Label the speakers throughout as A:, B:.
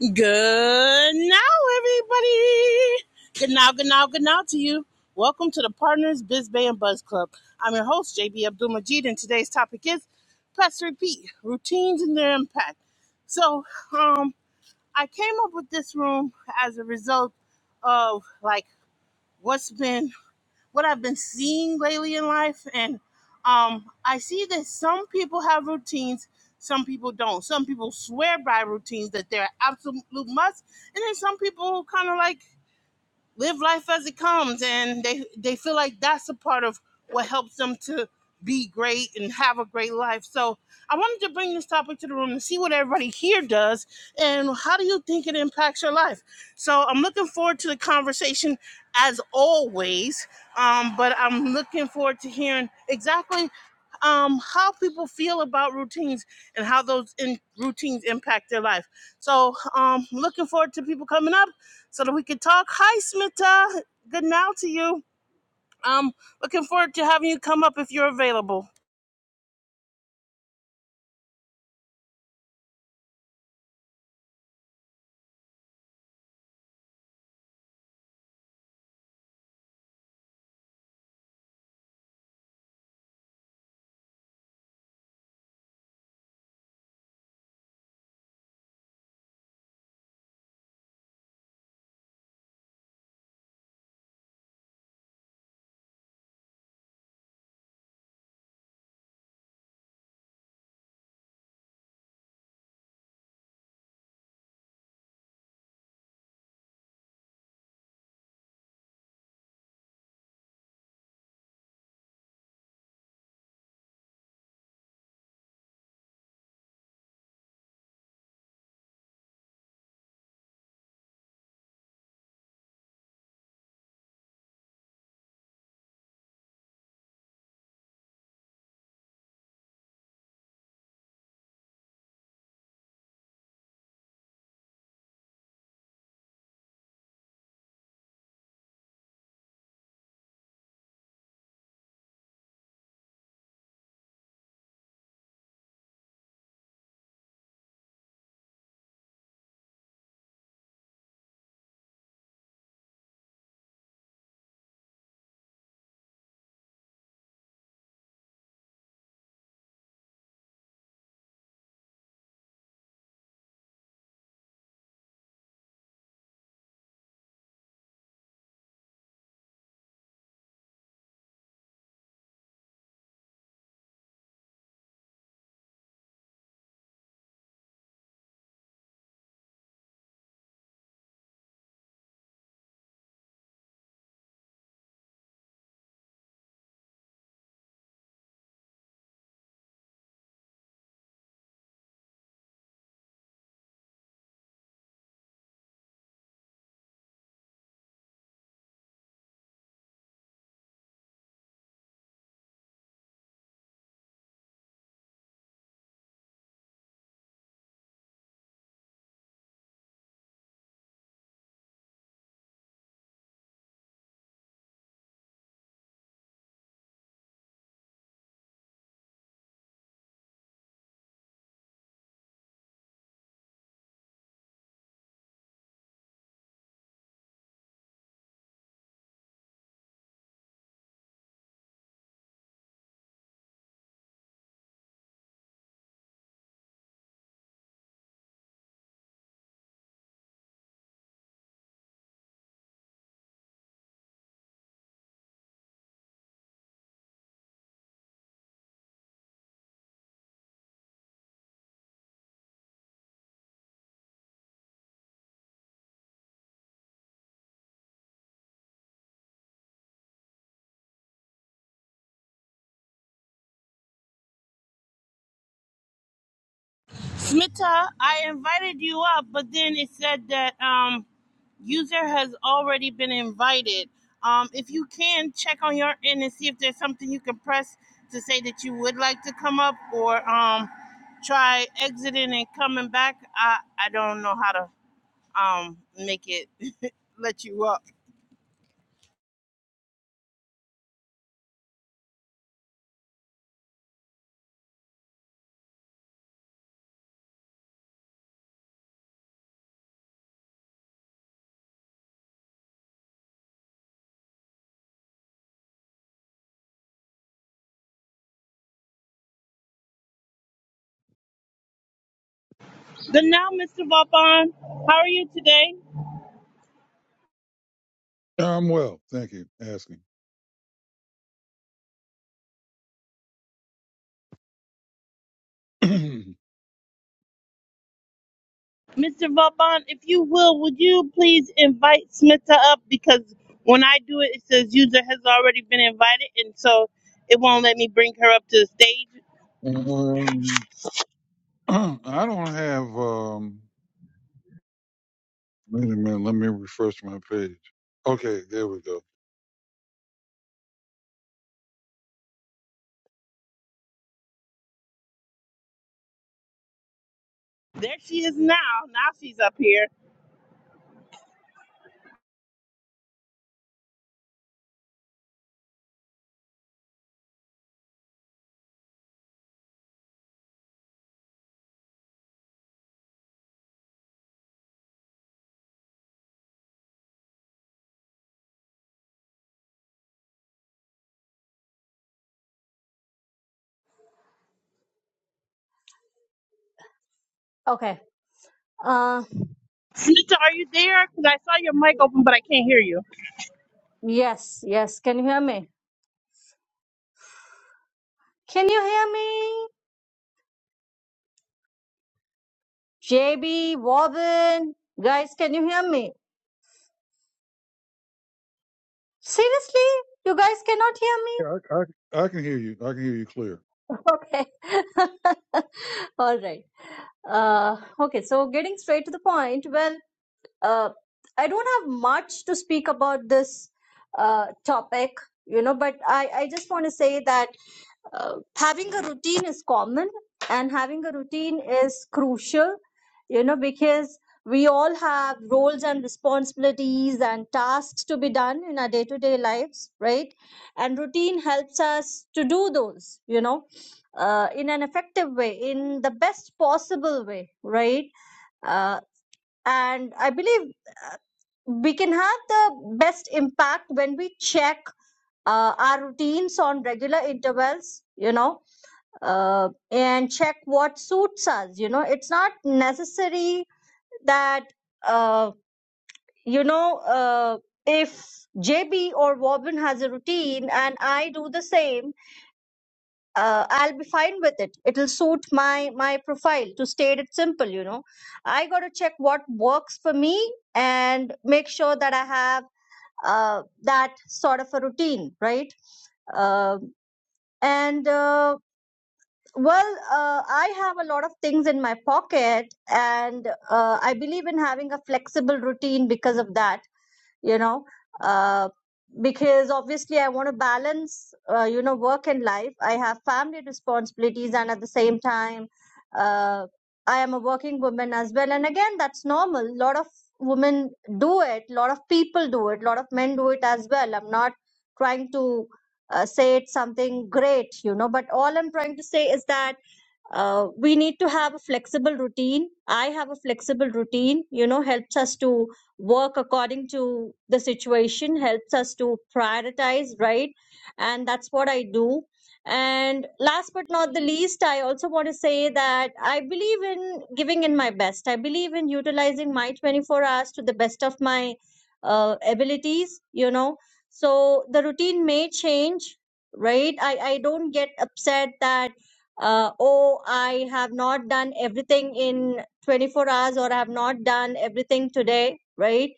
A: Good now, everybody. Good now, good now, good now to you. Welcome to the Partners Biz Bay and Buzz Club. I'm your host, JB Abdul Majid, and today's topic is Press Repeat Routines and Their Impact. So, um, I came up with this room as a result of like what's been what I've been seeing lately in life, and um, I see that some people have routines, some people don't. Some people swear by routines that they're absolute must, and then some people kind of like live life as it comes and they they feel like that's a part of what helps them to be great and have a great life so i wanted to bring this topic to the room and see what everybody here does and how do you think it impacts your life so i'm looking forward to the conversation as always um, but i'm looking forward to hearing exactly um, how people feel about routines and how those in- routines impact their life so um, looking forward to people coming up so that we can talk. Hi, Smita. Good now to you. Um, looking forward to having you come up if you're available. Smita, I invited you up, but then it said that um, user has already been invited. Um, if you can check on your end and see if there's something you can press to say that you would like to come up, or um, try exiting and coming back. I I don't know how to um make it let you up. Good now, Mr. Vaughn. How are you today?
B: I'm well, thank you. for Asking.
A: Mr. Vauban, if you will, would you please invite Smita up? Because when I do it, it says user has already been invited, and so it won't let me bring her up to the stage.
B: um, I don't have. Um, wait a minute. Let me refresh my page. Okay, there we go.
A: There she is now. Now she's up here.
C: Okay. Uh,
A: Smita, are you there? Because I saw your mic open, but I can't hear you.
C: yes, yes. Can you hear me? Can you hear me? JB, Warren, guys, can you hear me? Seriously? You guys cannot hear
B: Yeah, I, I, I can hear you. I can hear you clear.
C: me? Okay. All right. Uh, okay, so getting straight to the point, well, uh, I don't have much to speak about this uh, topic, you know, but I, I just want to say that. uh, having a routine is common and having a routine is crucial you know because we all have roles and responsibilities and tasks to be done in our day to day lives right and routine helps us to do those you know uh, in an effective way in the best possible way right uh, and i believe uh, we can have the best impact when we check uh, our routines on regular intervals you know uh, and check what suits us. You know, it's not necessary that, uh, you know, uh, if JB or Wobin has a routine and I do the same, uh, I'll be fine with it. It'll suit my my profile. To state it simple, you know, I got to check what works for me and make sure that I have uh, that sort of a routine, right? Um and uh, Well, uh, I have a lot of things in my pocket, and uh, I believe in having a flexible routine because of that, you know. Uh, because obviously, I want to balance, uh, you know, work and life. I have family responsibilities, and at the same time, uh, I am a working woman as well. And again, that's normal. A lot of women do it, a lot of people do it, a lot of men do it as well. I'm not trying to uh, say it's something great, you know, but all I'm trying to say is that uh, we need to have a flexible routine i have a flexible routine you know helps us to work according to the situation helps us to prioritize right and that's what i do and last but not the least i also want to say that i believe in giving in my best i believe in utilizing my 24 hours to the best of my uh, abilities you know so the routine may change right i i don't get upset that uh, oh, I have not done everything in 24 hours or I have not done everything today, right?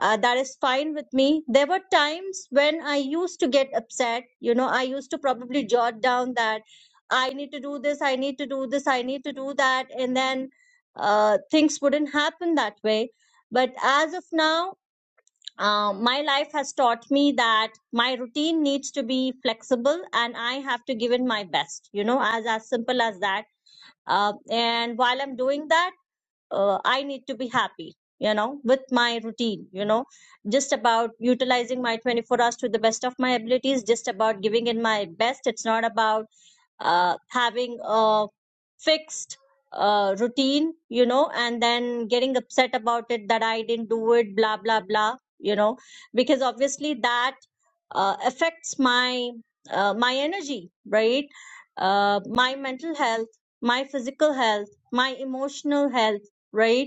C: Uh, that is fine with me. There were times when I used to get upset. You know, I used to probably jot down that I need to do this, I need to do this, I need to do that. And then uh, things wouldn't happen that way. But as of now, uh, my life has taught me that my routine needs to be flexible and I have to give in my best, you know, as, as simple as that. Uh, and while I'm doing that, uh, I need to be happy, you know, with my routine, you know, just about utilizing my 24 hours to the best of my abilities, just about giving in my best. It's not about uh, having a fixed uh, routine, you know, and then getting upset about it that I didn't do it, blah, blah, blah, you know, because obviously that uh, affects my uh, my energy, right? Uh, my mental health, my physical health, my emotional health, right?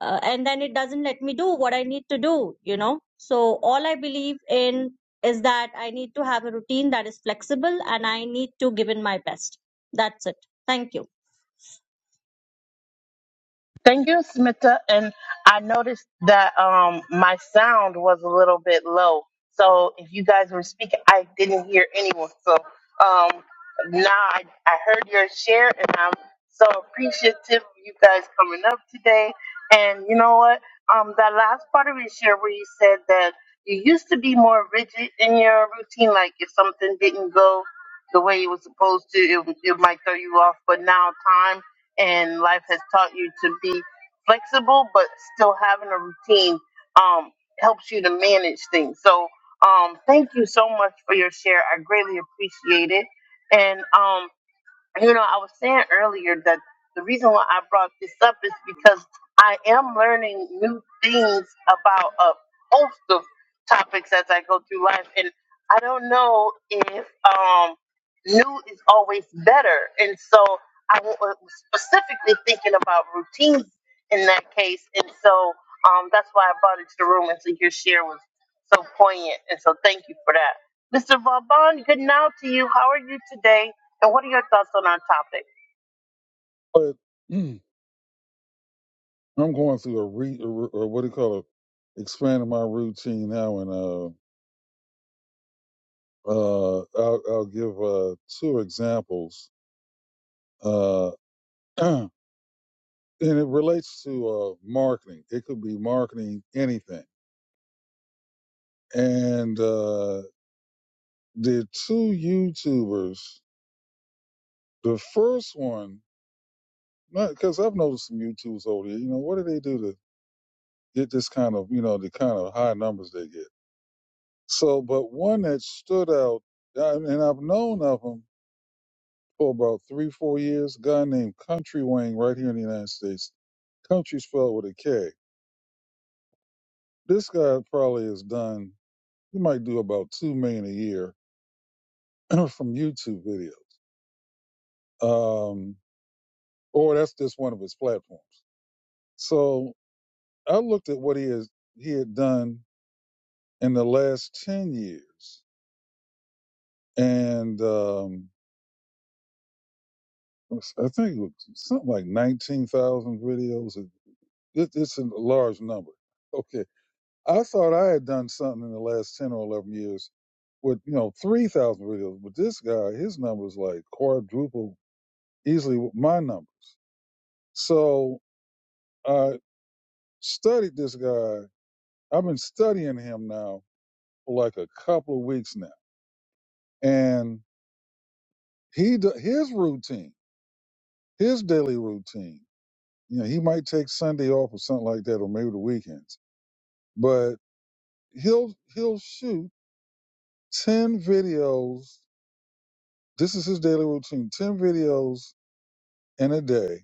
C: uh, and then it doesn't let me do what I need to do, you know. So all I believe in is that I need to have a routine that is flexible and I need to give in my best. That's it. Thank you.
A: Thank you, Smita. And I noticed that um my sound was a little bit low. So if you guys were speaking, I didn't hear anyone. So um now I, I heard your share and I'm so appreciative of you guys coming up today. And you know what? Um that last part of your share where you said that you used to be more rigid in your routine, like if something didn't go the way it was supposed to, it, it might throw you off, but now time and life has taught you to be flexible but still having a routine um, helps you to manage things so um, thank you so much for your share i greatly appreciate it and um, you know i was saying earlier that the reason why i brought this up is because i am learning new things about a host of topics as i go through life and i don't know if um new is always better. And so I wa- was specifically thinking about routines in that case. And so um, that's why I brought it to the room. And so your share was so poignant. And so thank you for that. Mr. Vauban, good now to you. How are you today? And what are your thoughts on our topic?
B: But I'm going through a re, a, re- or what do you call it? Expanding my routine now, and uh, uh, I'll, I'll give uh two examples. Uh, and it relates to uh marketing. It could be marketing anything, and. Uh, Did two YouTubers, the first one, not because I've noticed some YouTubers over there, you know, what do they do to get this kind of, you know, the kind of high numbers they get? So, but one that stood out, uh, and I've known of him for about three, four years, a guy named Country Wayne right here in the United States. Country spelled with a K. This guy probably has done, he might do about two million a year from YouTube videos, Um, or that's just one of his platforms. So I looked at what he has he had done in the last ten years, and um, I think it was something like nineteen thousand videos. It, it's a large number. Okay, I thought I had done something in the last ten or eleven years with you know three thousand videos, but this guy, his numbers like quadruple easily what my numbers. So I studied this guy. I've been studying him now for like a couple of weeks now, and he do, his routine, his daily routine. You know, he might take Sunday off or something like that, or maybe the weekends. But he'll he'll shoot ten videos. This is his daily routine: ten videos in a day,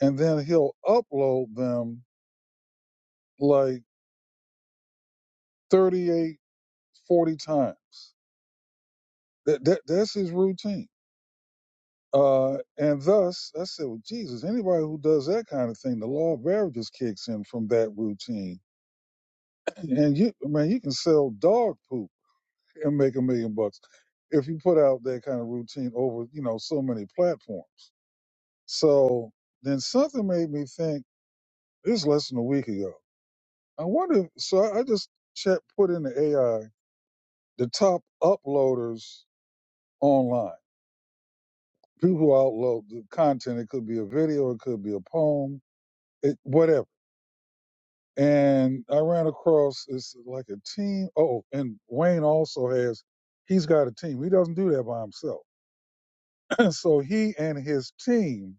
B: and then he'll upload them like 38, 40 times. That, that that's his routine. Uh, and thus, I said, well, Jesus, anybody who does that kind of thing, the law of averages kicks in from that routine And you, man, you can sell dog poop and make a million bucks if you put out that kind of routine over, you know, so many platforms. So then something made me think this is less than a week ago. I wonder. If, So I, I just check, put in the AI the top uploaders online. People who upload the content. It could be a video. It could be a poem. It, whatever and I ran across it's like a team. Oh, and Wayne also has he's got a team. He doesn't do that by himself. so he and his team,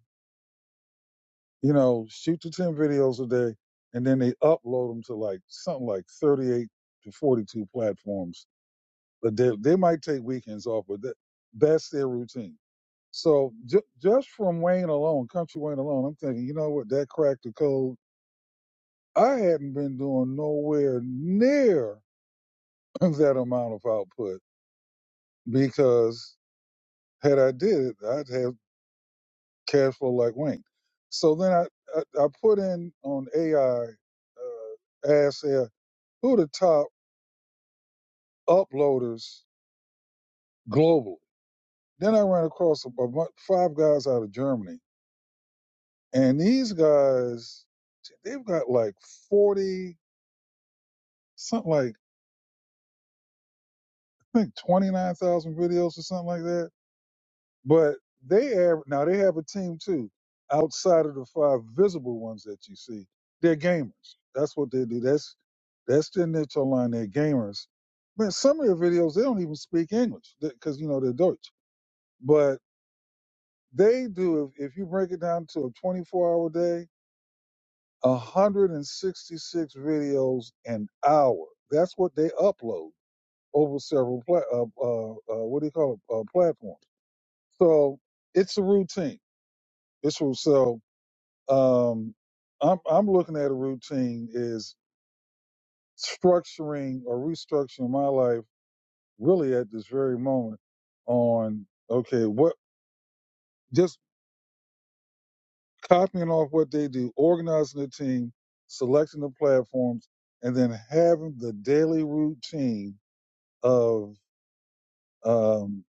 B: you know, shoot the ten videos a day, and then they upload them to like something like thirty-eight to forty-two platforms. But they they might take weekends off, but that, that's their routine. So ju- just from Wayne alone, Country Wayne alone, I'm thinking, you know what, that cracked the code. I hadn't been doing nowhere near of that amount of output because had I did it, I'd have cash flow like Wayne. So then I, I, I put in on AI, uh, asked there, who are the top uploaders globally? Then I ran across about five guys out of Germany. And these guys, they've got like 40, something like, I think 29,000 videos or something like that But they have now they have a team too, outside of the five visible ones that you see. They're gamers. That's what they do. That's that's their niche online. They're gamers. Man, some of their videos they don't even speak English because you know they're Deutsch. But they do. If, if you break it down to a 24-hour day, 166 videos an hour. That's what they upload over several pla- uh, uh, uh, what do you call it uh, platforms. So it's a routine. It's so. Um, I'm I'm looking at a routine is structuring or restructuring my life really at this very moment on okay what just copying off what they do, organizing the team, selecting the platforms, and then having the daily routine of um,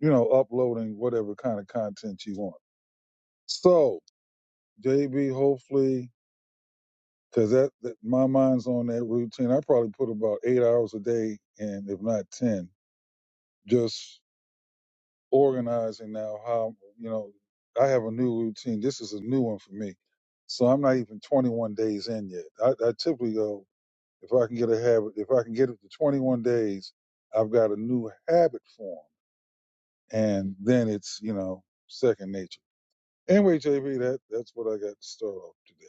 B: you know uploading whatever kind of content you want. So JB, hopefully Cause that, that my mind's on that routine. I probably put about eight hours a day in, if not ten, just organizing now how you know, I have a new routine. This is a new one for me. So I'm not even twenty one days in yet. I, I typically go if I can get a habit if I can get it to twenty one days, I've got a new habit form. And then it's, you know, second nature. Anyway, JB, that that's what I got to start off today.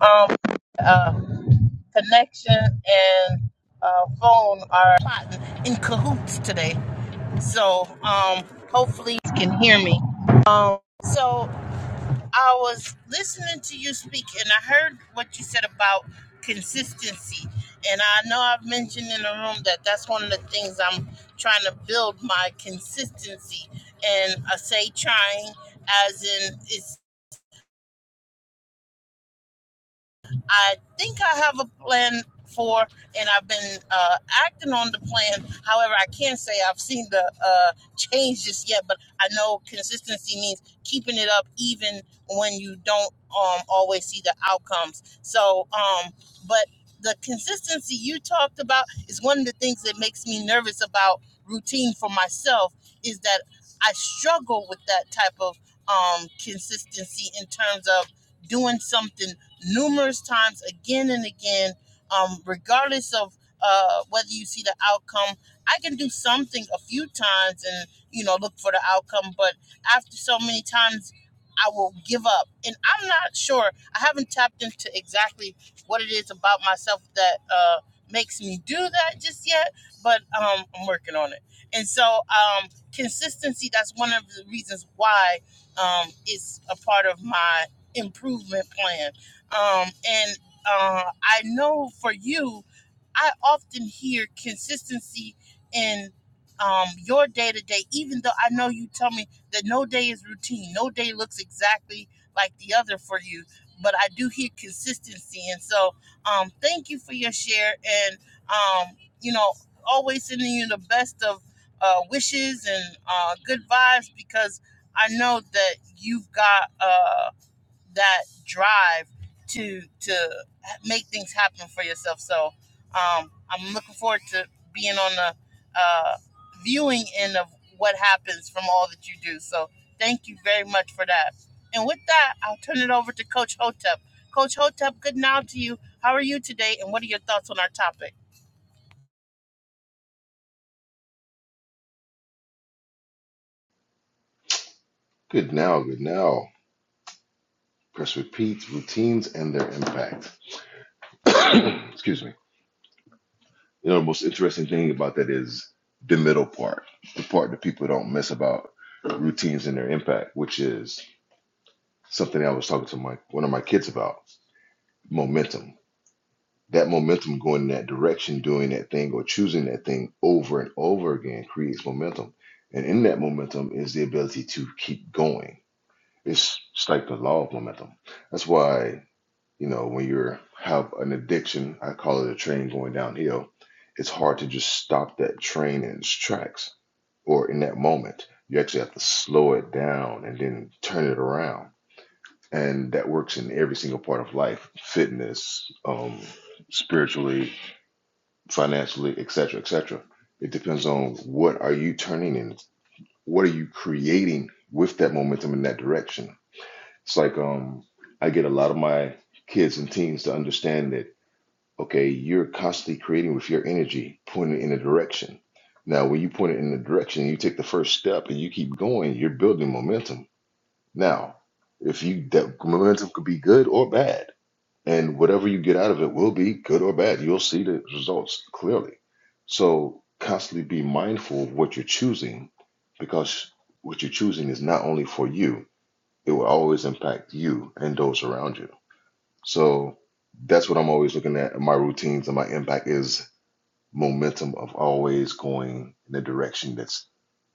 A: Um, uh, connection and uh, phone are plotting in cahoots today. So um, hopefully you can hear me. Um, so I was listening to you speak and I heard what you said about consistency. And I know I've mentioned in the room that that's one of the things I'm trying to build my consistency. And I say trying as in it's I think I have a plan for, and I've been uh, acting on the plan. However, I can't say I've seen the uh, change just yet, but I know consistency means keeping it up even when you don't um, always see the outcomes. So, um, but the consistency you talked about is one of the things that makes me nervous about routine for myself is that I struggle with that type of um, consistency in terms of doing something numerous times, again and again, um, regardless of uh, whether you see the outcome. I can do something a few times and you know look for the outcome, but after so many times, I will give up. And I'm not sure. I haven't tapped into exactly what it is about myself that uh, makes me do that just yet, but um, I'm working on it. And so um, consistency. That's one of the reasons why um, it's a part of my improvement plan um, and uh, I know for you, I often hear consistency in um, your day to day, even though I know you tell me that no day is routine, no day looks exactly like the other for you, but I do hear consistency. And so, um, thank you for your share and, um, you know, always sending you the best of uh, wishes and uh, good vibes because I know that you've got. Uh, that drive to to make things happen for yourself. So um, I'm looking forward to being on the uh, viewing end of what happens from all that you do. So thank you very much for that. And with that, I'll turn it over to Coach Hotep. Coach Hotep, good now to you. How are you today? And what are your thoughts on our topic?
D: Good now, good now. Press repeat. routines, and their impact. Excuse me. You know, the most interesting thing about that is the middle part, the part that people don't miss about routines and their impact, which is something I was talking to my one of my kids about momentum. That momentum going in that direction, doing that thing, or choosing that thing over and over again creates momentum. And in that momentum is the ability to keep going. It's, it's like the law of momentum. That's why You know, when you have an addiction, I call it a train going downhill, it's hard to just stop that train in its tracks or in that moment. You actually have to slow it down and then turn it around. And that works in every single part of life fitness, um, spiritually, financially, etc., etc. It depends on what are you turning in, what are you creating with that momentum in that direction. It's like um, I get a lot of my kids and teens to understand that okay, you're constantly creating with your energy, pointing in a direction. Now, when you point it in a direction, you take the first step and you keep going, you're building momentum. Now, if you that momentum could be good or bad, and whatever you get out of it will be good or bad. You'll see the results clearly. So, constantly be mindful of what you're choosing because what you're choosing is not only for you, it will always impact you and those around you. So that's what I'm always looking at in my routines and my impact is momentum of always going in a direction that's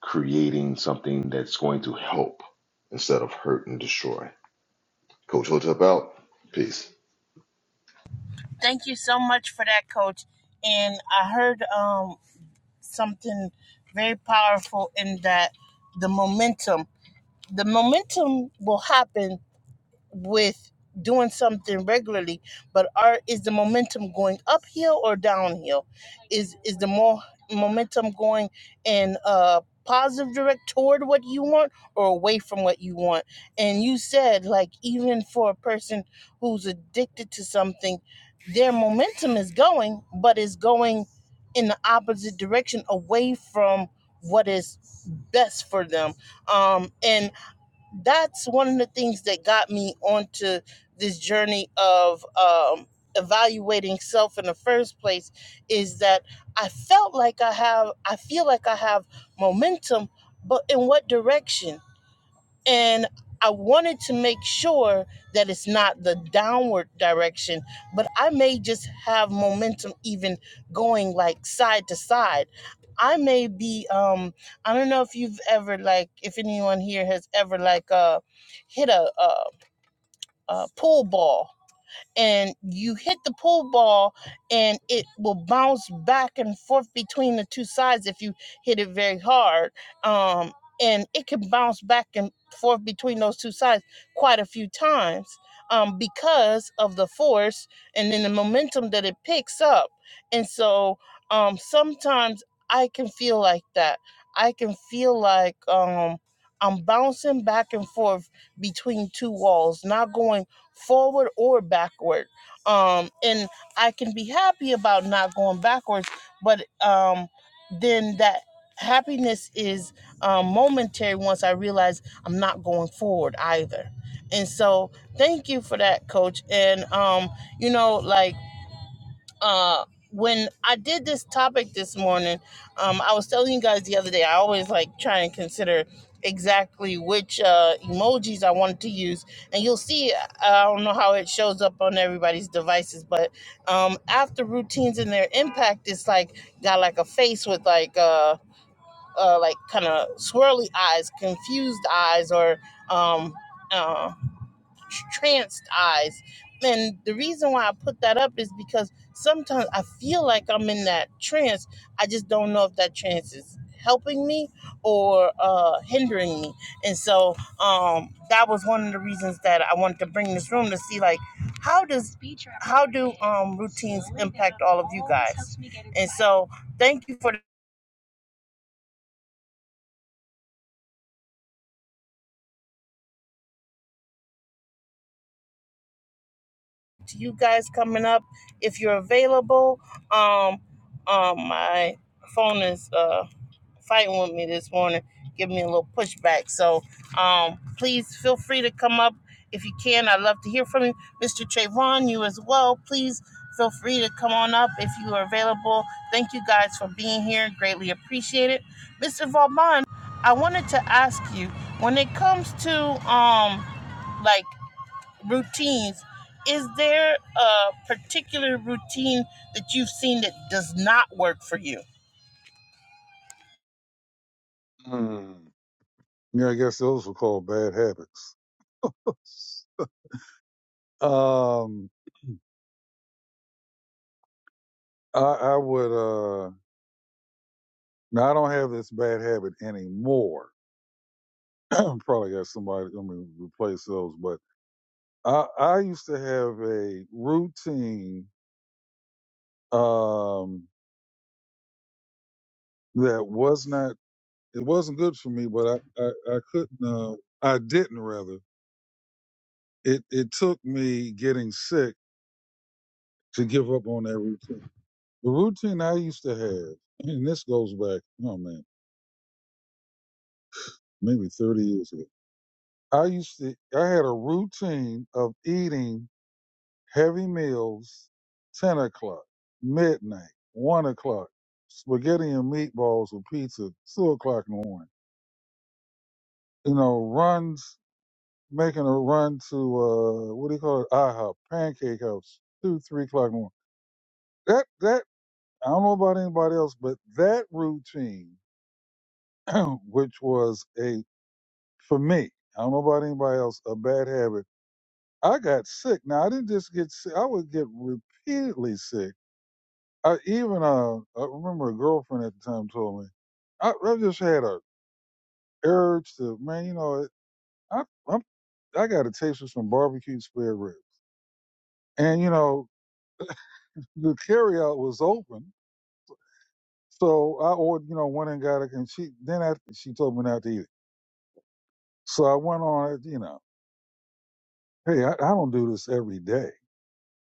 D: creating something that's going to help instead of hurt and destroy. Coach Hotep out. Peace.
A: Thank you so much for that, Coach. And I heard um, something very powerful in that the momentum. the momentum will happen with doing something regularly but are is the momentum going uphill or downhill is is the more momentum going in a positive direct toward what you want or away from what you want and you said like even for a person who's addicted to something their momentum is going but is going in the opposite direction away from what is best for them um and that's one of the things that got me onto this journey of um, evaluating self in the first place is that I felt like I have, I feel like I have momentum, but in what direction? and I wanted to make sure that it's not the downward direction, but I may just have momentum even going like side to side. I may be um I don't know if you've ever like if anyone here has ever like uh hit a uh, a pool ball and you hit the pool ball and it will bounce back and forth between the two sides if you hit it very hard um, and it can bounce back and forth between those two sides quite a few times um, because of the force and then the momentum that it picks up and so um, sometimes i can feel like that i can feel like um, i'm bouncing back and forth between two walls not going forward or backward. Um, and I can be happy about not going backwards, but um, then that happiness is um, momentary once I realize I'm not going forward either. And so, thank you for that, coach. And, um, you know, like, uh when I did this topic this morning, um, I was telling you guys the other day, I always like try and consider exactly which uh, emojis I wanted to use. And you'll see, uh, I don't know how it shows up on everybody's devices, but um, after routines and their impact, it's like got like a face with like, uh, uh, like kind of swirly eyes, confused eyes, or um, uh. Tranced eyes, And the reason why I put that up is because sometimes I feel like I'm in that trance. I just don't know if that trance is helping me or uh, hindering me. And so um, that was one of the reasons that I wanted to bring this room to see like how does how do um, routines impact all of you guys. And so thank you for to you guys coming up. If you're available, um, um, my phone is. Uh, fighting with me this morning, give me a little pushback. So um, please feel free to come up if you can. I'd love to hear from you. Mr. Trayvon, you as well. Please feel free to come on up if you are available. Thank you guys for being here. Greatly appreciate it. Mr. Vauban, I wanted to ask you when it comes to um, like routines, is there a particular routine that you've seen that does not work for you?
B: Hmm. Yeah, I guess those were called bad habits. Um, I, I would. Uh, now I don't have this bad habit anymore. Probably got somebody. let me replace those. But I, I used to have a routine um, that was not. It wasn't good for me, but I, I, I couldn't. Uh, I didn't rather. It, it took me getting sick to give up on that routine. The routine I used to have, and this goes back, oh man, maybe 30 years ago. I used to, I had a routine of eating heavy meals, 10 o'clock, midnight, 1 o'clock, spaghetti and meatballs with pizza, 2 o'clock in the morning. You know, runs, making a run to, uh, what do you call it? IHOP, Pancake House, 2, 3 o'clock in the morning. That, that, I don't know about anybody else, but that routine, which was a, for me, I don't know about anybody else, a bad habit I got sick. Now I didn't just get sick; I would get repeatedly sick. I even uh, I remember a girlfriend at the time told me, I, I just had a urge to man, you know, I I'm, I got a taste for some barbecue spare ribs, and you know the carryout was open, so I ordered, you know, went and got it, and she then after she told me not to eat it, so I went on it, you know, hey, I, I don't do this every day,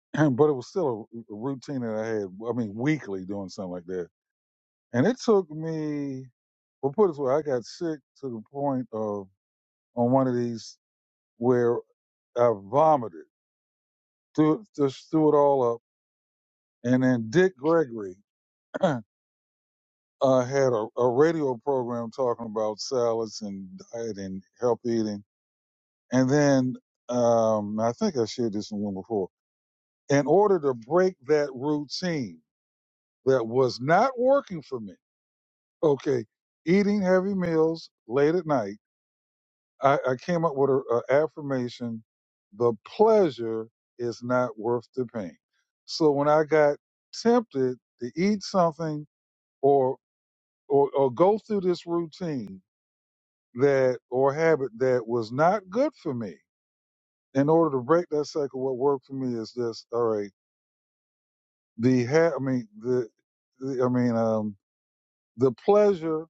B: but it was still a, a routine that I had, I mean, weekly doing something like that, and it took me Well, put it this way, I got sick to the point of on one of these where I vomited, threw, just threw it all up. And then Dick Gregory uh, had a, a radio program talking about salads and diet and healthy eating. And then um, I think I shared this in one before. In order to break that routine that was not working for me, okay, eating heavy meals late at night I, I came up with an affirmation: the pleasure is not worth the pain. So when I got tempted to eat something or or, or go through this routine that or habit that was not good for me, in order to break that cycle, what worked for me is this: all right, the ha- I mean the, the I mean um the pleasure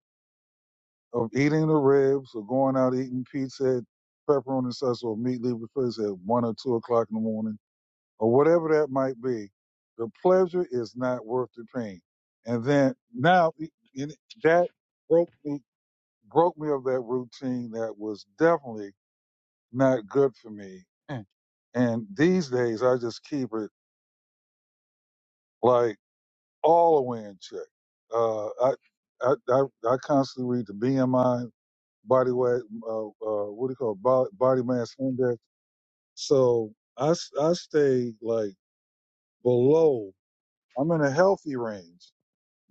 B: of eating the ribs or going out eating pizza pepperoni and sauce or meat leaving place at one or two o'clock in the morning or whatever that might be, the pleasure is not worth the pain. And then now e, and that broke me broke me of that routine that was definitely not good for me. Mm. And these days I just keep it like all the way in check. Uh, I, I I I constantly read the BMI body weight uh, uh, what do you call it? Bo- body mass index. So I s- I stay like below. I'm in a healthy range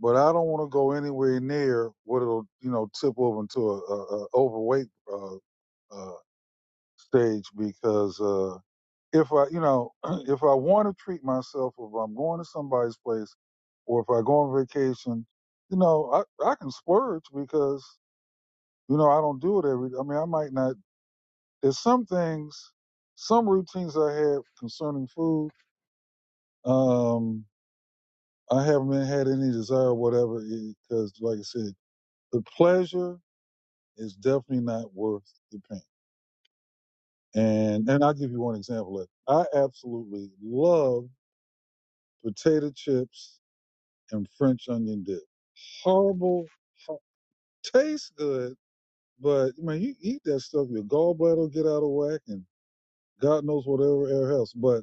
B: but I don't want to go anywhere near what it'll, you know, tip over into a, a, a overweight uh, uh, stage because uh, if I, you know, if I want to treat myself, if I'm going to somebody's place, or if I go on vacation, you know, I, I can splurge because you know I don't do it every. I mean, I might not. There's some things, some routines I have concerning food. Um, I haven't had any desire, or whatever, because like I said, the pleasure It's definitely not worth the pain. And and I'll give you one example. of it. I absolutely love potato chips and French onion dip. Horrible, hor- tastes good, but man, you eat that stuff, your gallbladder will get out of whack, and God knows whatever else. But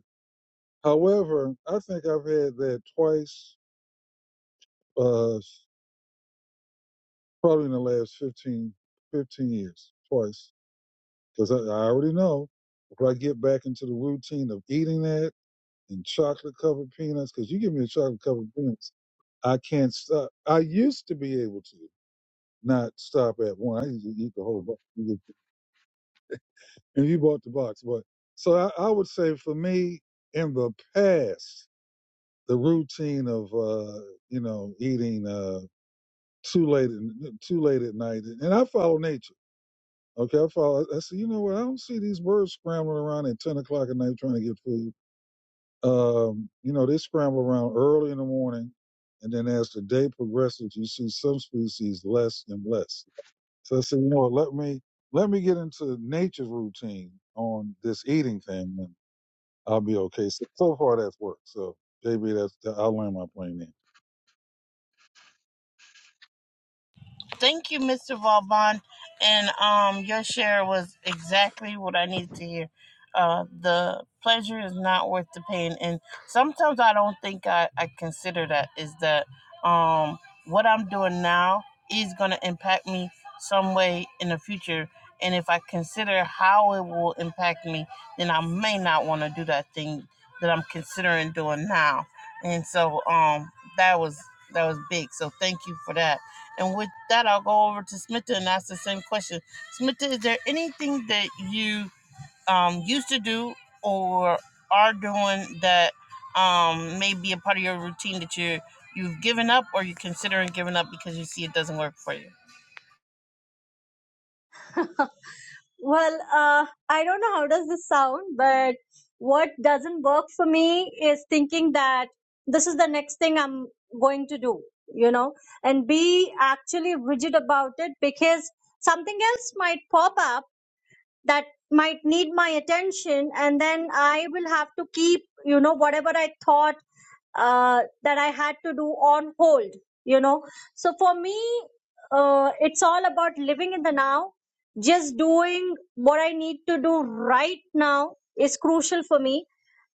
B: however, I think I've had that twice, uh, probably in the last 15 15 years, twice, because I, I already know if I get back into the routine of eating that and chocolate covered peanuts because you give me a chocolate covered peanuts, I can't stop. I used to be able to not stop at one. I used to eat the whole box, and you bought the box, but so I, I would say for me in the past, the routine of uh, you know eating uh, too late in- too late at night, and I follow nature. Okay, I follow. I said, you know what? I don't see these birds scrambling around at ten o'clock at night trying to get food. Um, you know, they scramble around early in the morning, and then as the day progresses, you see some species less and less. So I said, you know what, let me let me get into nature's routine on this eating thing, and I'll be okay. So, so far, that's worked. So maybe that's I'll land my plane there.
A: Thank you, Mr. Vauban. And um, your share was exactly what I needed to hear. Uh, the pleasure is not worth the pain. And sometimes I don't think I, I consider that is that um, what I'm doing now is going to impact me some way in the future. And if I consider how it will impact me, then I may not want to do that thing that I'm considering doing now. And so um, that was that was big. So thank you for that. And with that, I'll go over to Smita and ask the same question. Smita, is there anything that you um, used to do or are doing that um, may be a part of your routine that you you've given up or you're considering giving up because you see it doesn't work for you?
C: well, uh, I don't know how does this sound, but what doesn't work for me is thinking that this is the next thing I'm going to do, you know, and be actually rigid about it because something else might pop up that might need my attention and then i will have to keep you know whatever i thought uh, that I had to do on hold, you know. So for me, uh, it's all about living in the now. Just doing what I need to do right now is crucial for me.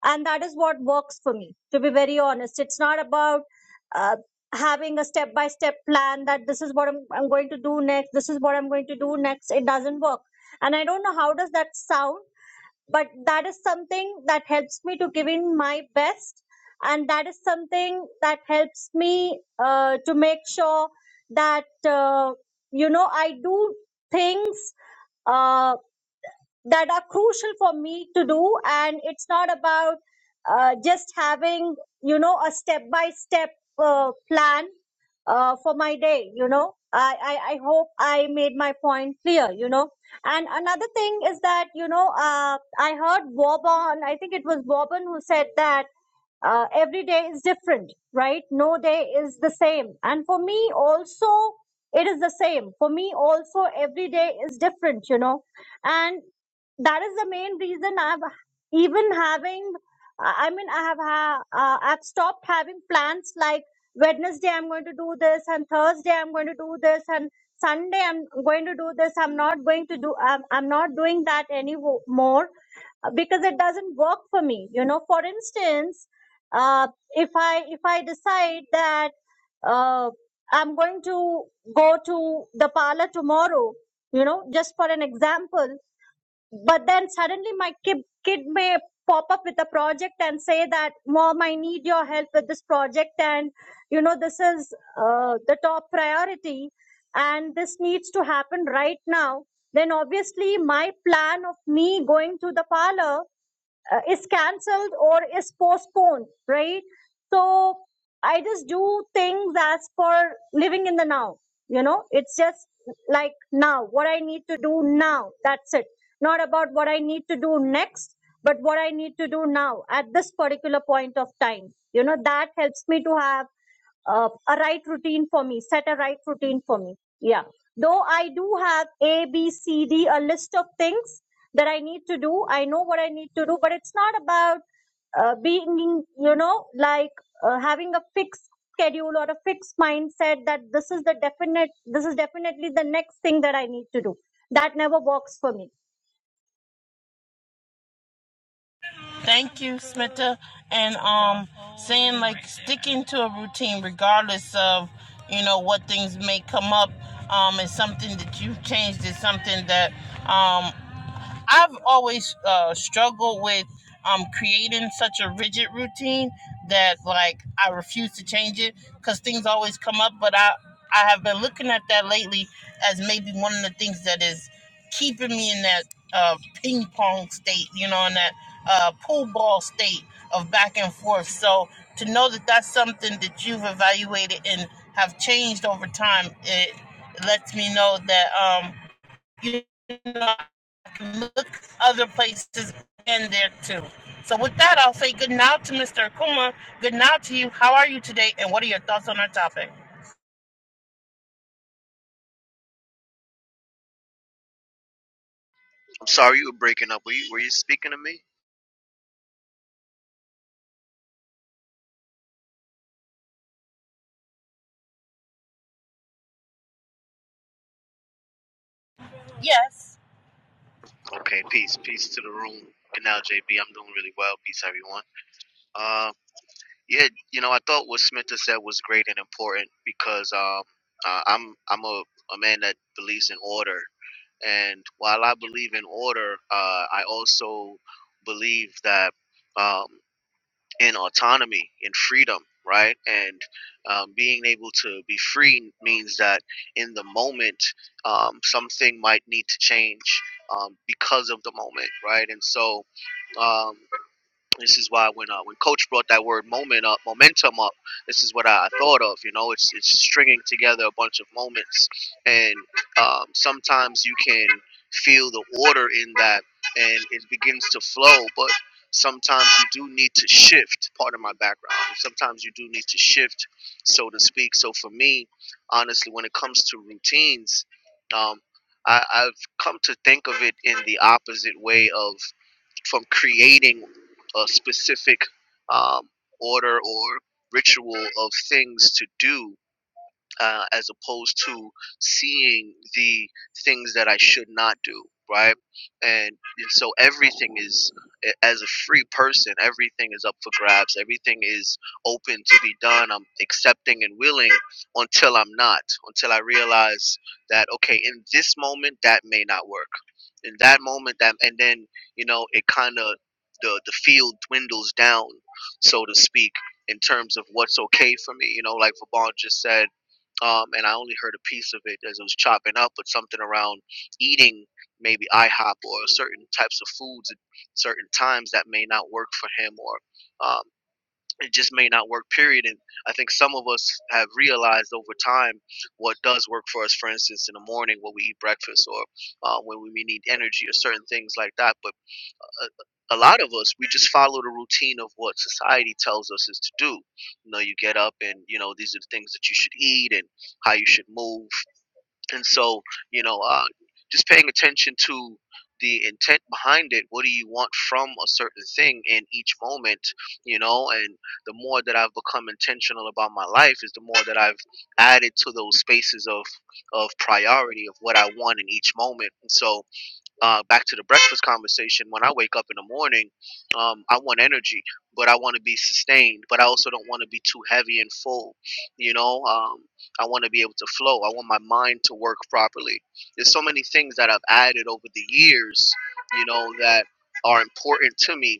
C: And that is what works for me, to be very honest. It's not about uh, having a step by step plan that this is what I'm, I'm going to do next, this is what I'm going to do next. It doesn't work. And I don't know how does that sound but that is something that helps me to give in my best and that is something that helps me uh, to make sure that uh, you know i do things uh, that are crucial for me to do and it's not about uh, just having you know a step by step plan uh, for my day you know I, I i hope i made my point clear you know and another thing is that you know uh, i heard Boban i think it was Boban who said that uh, every day is different right no day is the same and for me also it is the same for me also every day is different you know and that is the main reason I've even having. I mean, I have ha- uh, I've stopped having plans like Wednesday I'm going to do this, and Thursday I'm going to do this, and Sunday I'm going to do this. I'm not going to do. I'm, I'm not doing that anymore uh, because it doesn't work for me. You know, for instance, uh, if I if I decide that uh, I'm going to go to the parlor tomorrow, you know, just for an example but then suddenly my kid, kid may pop up with a project and say that mom i need your help with this project and you know this is uh, the top priority and this needs to happen right now then obviously my plan of me going to the parlor uh, is cancelled or is postponed, right? So I just do things as for living in the now. You know, it's just like now, what I need to do now. That's it. Not about what I need to do next, but what I need to do now at this particular point of time. You know, that helps me to have uh, a right routine for me, set a right routine for me. Yeah. Though I do have A, B, C, D, a list of things, that I need to do. I know what I need to do, but it's not about uh, being, you know, like uh, having a fixed schedule or a fixed mindset that this is the definite, this is definitely the next thing that I need to do. That never works for me
A: Thank you, Smita. And um, saying like sticking to a routine, regardless of you know what things may come up, um, is something that you've changed. Is something that um I've always uh, struggled with um, creating such a rigid routine that like I refuse to change it because things always come up. But I I have been looking at that lately as maybe one of the things that is keeping me in that uh, ping pong state, you know, in that uh, pool ball state of back and forth. So to know that that's something that you've evaluated and have changed over time, it lets me know that um, you know look other places in there too. So with that, I'll say good night to Mr. Akuma. Good night to you. How are you today? And what are your thoughts on our topic?
E: I'm sorry you were breaking up. Were you, were you speaking to me?
A: Yes.
E: Okay, peace, peace to the room. And now, JB, I'm doing really well. Peace, everyone. Uh, yeah, you know, I thought what Smitha said was great and important because um, uh, I'm I'm a, a man that believes in order, and while I believe in order, uh, I also believe that. um, and autonomy and freedom, right? And um, being able to be free means that in the moment, um, something might need to change um, because of the moment, right? And so, um, this is why when uh, when Coach brought that word moment up, momentum up, this is what I thought of. You know, it's it's stringing together a bunch of moments, and um, sometimes you can feel the order in that, and it begins to flow. But sometimes you do need to shift. Part of my background, sometimes you do need to shift, so to speak. So for me, honestly, when it comes to routines, um, I, I've come to think of it in the opposite way of from creating a specific um, order or ritual of things to do uh, as opposed to seeing the things that I should not do, right? And, and so everything is, as a free person, everything is up for grabs. Everything is open to be done. I'm accepting and willing until I'm not, until I realize that, okay, in this moment, that may not work. In that moment, that, and then, you know, it kind of, the, the field dwindles down, so to speak, in terms of what's okay for me. You know, like Vaughn just said, um, and I only heard a piece of it as it was chopping up, but something around eating maybe IHOP or certain types of foods at certain times that may not work for him or um, it just may not work period and i think some of us have realized over time what does work for us for instance in the morning when we eat breakfast or uh, when we need energy or certain things like that but a a lot of us we just follow the routine of what society tells us is to do you know you get up and you know these are the things that you should eat and how you should move and so you know uh, just paying attention to the intent behind it what do you want from a certain thing in each moment you know and the more that i've become intentional about my life is the more that i've added to those spaces of of priority of what i want in each moment and so uh, back to the breakfast conversation, when I wake up in the morning, um, I want energy, but I want to be sustained, but I also don't want to be too heavy and full. You know, um, I want to be able to flow. I want my mind to work properly. There's so many things that I've added over the years, you know, that are important to me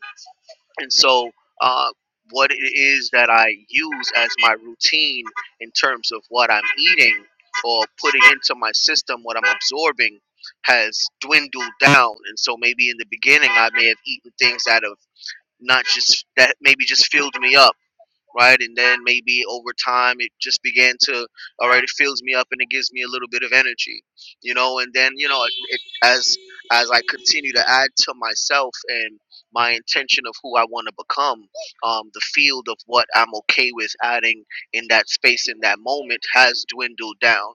E: and so uh, what it is that I use as my routine in terms of what I'm eating or putting into my system, what I'm absorbing, has dwindled down. And so maybe in the beginning, I may have eaten things that have not just that maybe just filled me up right? And then maybe over time, it just began to, all right, it fills me up and it gives me a little bit of energy, you know. And then, you know, it, it, as as I continue to add to myself and my intention of who I want to become, um, the field of what I'm okay with adding in that space in that moment has dwindled down,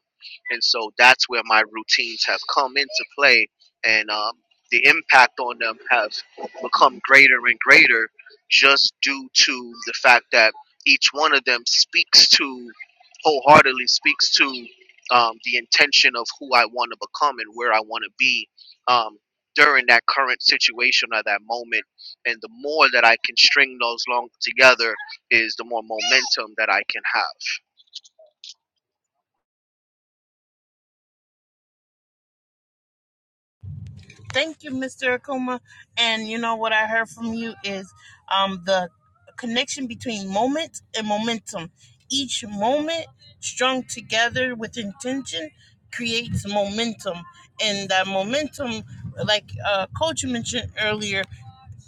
E: and so that's where my routines have come into play, and um, the impact on them have become greater and greater just due to the fact that each one of them speaks to wholeheartedly speaks to um, the intention of who I want to become and where I want to be um, during that current situation or that moment. And the more that I can string those long together, is the more momentum that I can have.
A: Thank you, Mr. Akuma. And you know what I heard from you is um, the connection between moment and momentum. Each moment strung together with intention creates momentum. And that momentum, like uh, Coach mentioned earlier,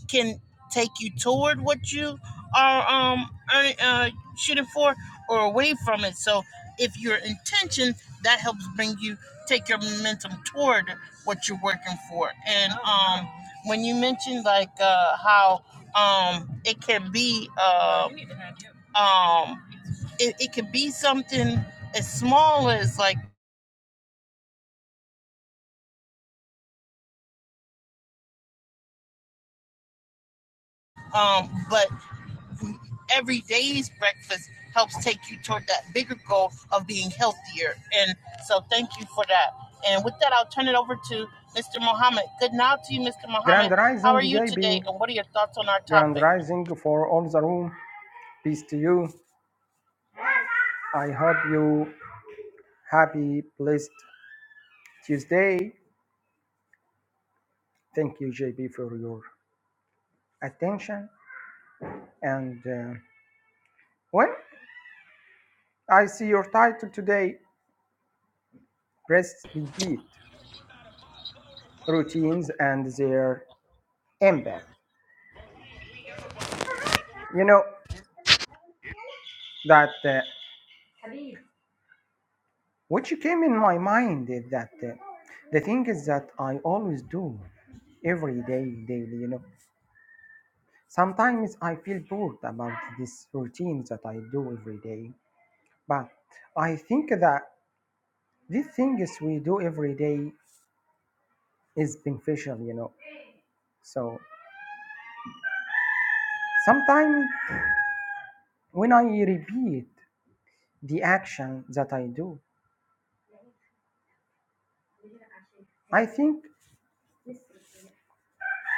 A: can take you toward what you are um earning, uh, shooting for or away from it. So if your intention that helps bring you take your momentum toward what you're working for. And um when you mentioned like uh how um it can be uh, um it, it can be something as small as like um but every day's breakfast helps take you toward that bigger goal of being healthier. And so thank you for that. And with that, I'll turn it over to Mr. Mohammed. Good night to you, Mr. Mohammed.
F: Grand
A: How
F: Rising
A: are you
F: JB,
A: today? And what are your thoughts on our
F: Grand
A: topic?
F: Rising for all the room. Peace to you. I hope you happy, blessed Tuesday. Thank you, JB, for your attention. And uh, when I see your title today, press repeat routines and their impact. You know that uh, what came in my mind is that uh, the thing is that I always do every day, daily. You know, Sometimes I feel bored about this routine that I do every day, but I think that the things we do every day is beneficial, you know. So sometimes when I repeat the action that I do, I think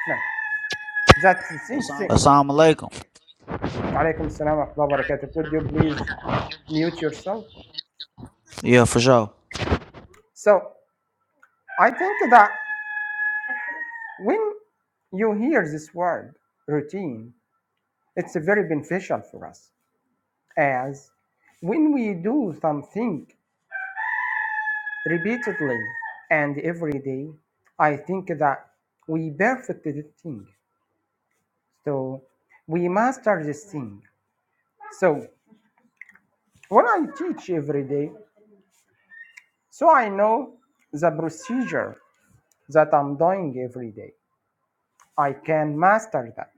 F: no, that is Assalamu interesting. Assalamu
G: Assalamu alaikum.
F: alaikum. Alaikum salam wa rahmatullahi wa barakatuh. Could you please mute yourself?
G: Yeah, for sure.
F: So I think that when you hear this word routine, it's very beneficial for us as when we do something repeatedly and every day, I think that we perfect this thing. So we master this thing. So when I teach every day, so I know the procedure that I'm doing every day. I can master that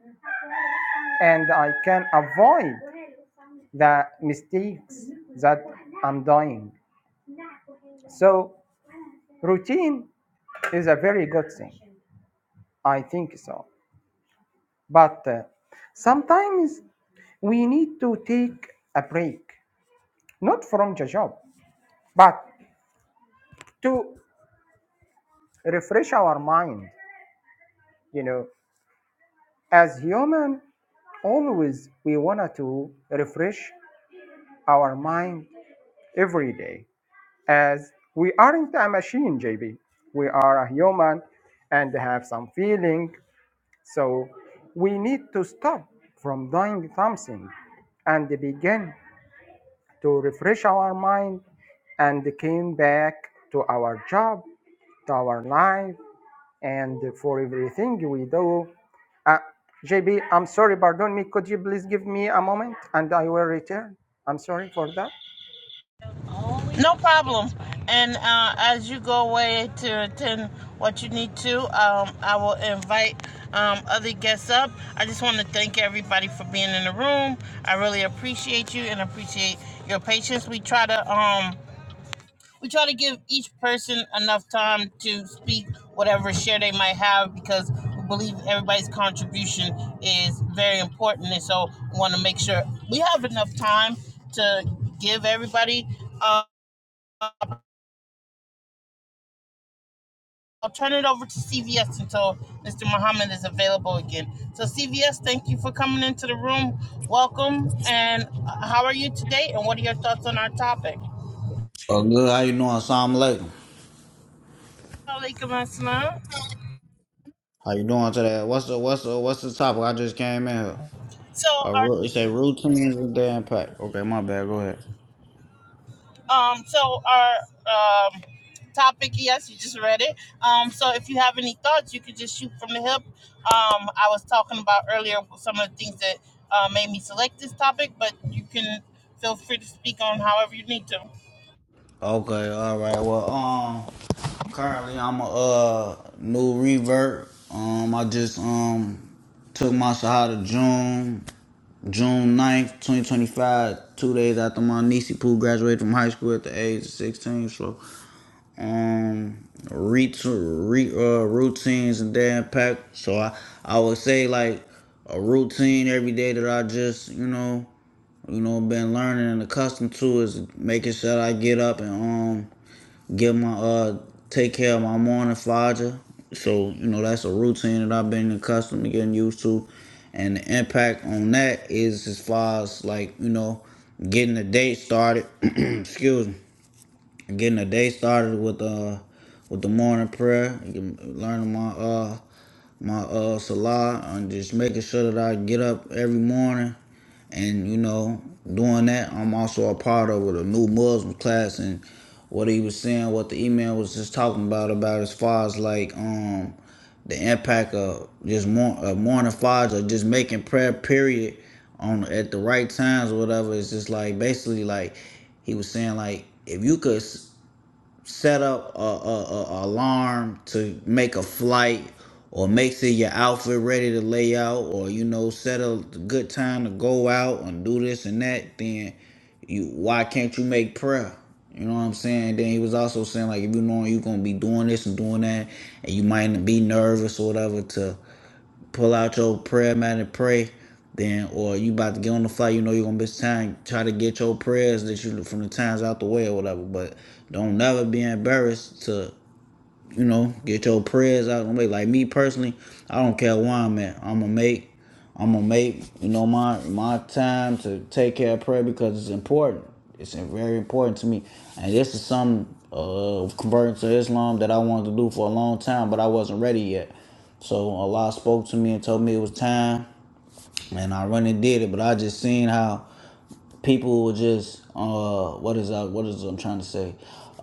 F: and I can avoid the mistakes that I'm doing. So routine is a very good thing. I think so. But uh, sometimes we need to take a break, not from the job, but to refresh our mind. You know, as human, always we want to refresh our mind every day, as we aren't a machine, JB. We are a human and have some feeling. So we need to stop from doing something and begin to refresh our mind and came back to our job, to our life, and for everything we do. Uh, JB, I'm sorry, pardon me. Could you please give me a moment and I will return? I'm sorry for that.
A: No problem. And uh, as you go away to attend what you need to, um, I will invite um, other guests up. I just want to thank everybody for being in the room. I really appreciate you and appreciate your patience. We try to. Um, we try to give each person enough time to speak whatever share they might have because we believe everybody's contribution is very important and so we want to make sure we have enough time to give everybody uh, i'll turn it over to cvs until mr muhammad is available again so cvs thank you for coming into the room welcome and uh, how are you today and what are your thoughts on our topic
H: Oh, good. How you doing? Assalamu alaikum.
A: Alaikum assalam.
H: How you doing today? What's the what's the what's the topic? I just came in here.
A: So
H: A
A: our
H: ru- it say routines and their impact. Okay, my bad. Go ahead.
A: Um, so our um, topic, yes, you just read it. Um, so if you have any thoughts, you could just shoot from the hip. Um, I was talking about earlier some of the things that uh, made me select this topic, but you can feel free to speak on however you need to.
H: Okay, all right. Well, um, currently I'm a uh new revert. Um, I just um took my Shahada June June ninth, 2025, two days after my niece Pooh graduated from high school at the age of 16. So um ret- re, uh, routines and their impact. So I, I would say like a routine every day that I just you know you know been learning and accustomed to is making sure that I get up and um get my uh take care of my morning flogger. So you know that's a routine that I've been accustomed to getting used to, and the impact on that is as far as like you know getting the day started. Excuse me getting the day started with uh with the morning prayer, learning my uh my uh salah and just making sure that I get up every morning and you know doing that. I'm also a part of with a new Muslim class and what he was saying, what the email was just talking about about as far as like um the impact of just more of morning fads or just making prayer period on at the right times or whatever. It's just like basically like he was saying like if you could s- set up a, a, a alarm to make a flight or make sure your outfit ready to lay out or you know set a good time to go out and do this and that then you why can't you make prayer you know what i'm saying then he was also saying like if you know you're gonna be doing this and doing that and you might be nervous or whatever to pull out your prayer mat and pray. Then, or you about to get on the fly, you know you're gonna miss time. Try to get your prayers that you from the times out the way or whatever. But don't never be embarrassed to you know, get your prayers out of the way. Like me personally, I don't care where I'm at. I'ma make I'ma make, you know, my my time to take care of prayer because it's important. It's very important to me. And this is something of uh converting to Islam that I wanted to do for a long time, but I wasn't ready yet. So Allah spoke to me and told me it was time and I run and did it, but I just seen how people would just uh what is I what is I'm trying to say.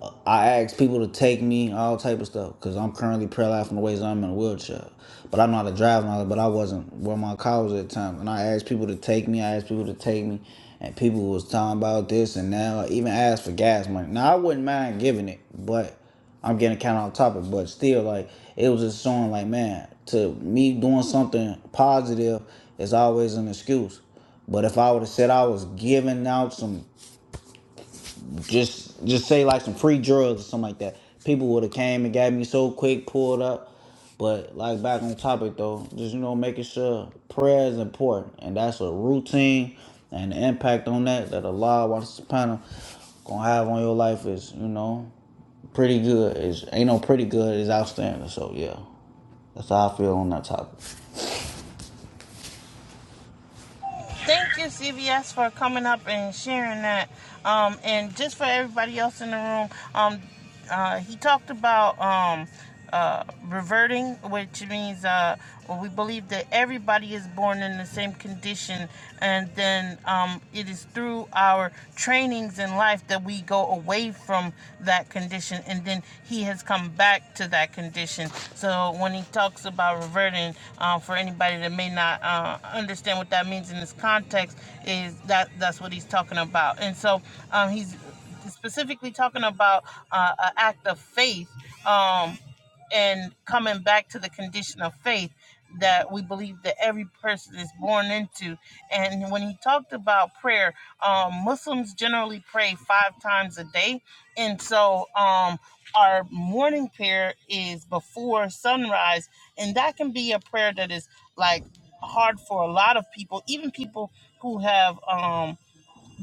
H: Uh, I ask people to take me all type of stuff because I'm currently paralyzed from the waist. I'm in a wheelchair, but I know how to drive now. But I wasn't where my car was at the time, and I asked people to take me. I asked people to take me, and people was talking about this and now. I even asked for gas money. Now I wouldn't mind giving it, but I'm getting kind of off topic, but still, like it was just showing, like man, to me doing something positive is always an excuse. But if I would have said I was giving out some, just just say like some free drugs or something like that, people would have came and got me so quick, pulled up. But like back on topic though, just you know making sure prayer is important, and that's a routine and the impact on that that Allah wants to gonna have on your life is you know pretty good. Is ain't no pretty good is outstanding. So yeah, that's how I feel on that topic.
A: Thank you, CVS, for coming up and sharing that. Um, and just for everybody else in the room, um, uh, he talked about um, uh, reverting, which means uh, well, we believe that everybody is born in the same condition, and then um, it is through through our trainings in life that we go away from that condition and then he has come back to that condition. So when he talks about reverting, uh, for anybody that may not uh, understand what that means in this context, is that that's what he's talking about. And so um, he's specifically talking about uh, an act of faith. Um, and coming back to the condition of faith that we believe that every person is born into. And when he talked about prayer, um, Muslims generally pray five times a day, and so um, our morning prayer is before sunrise, and that can be a prayer that is like hard for a lot of people, even people who have. Um,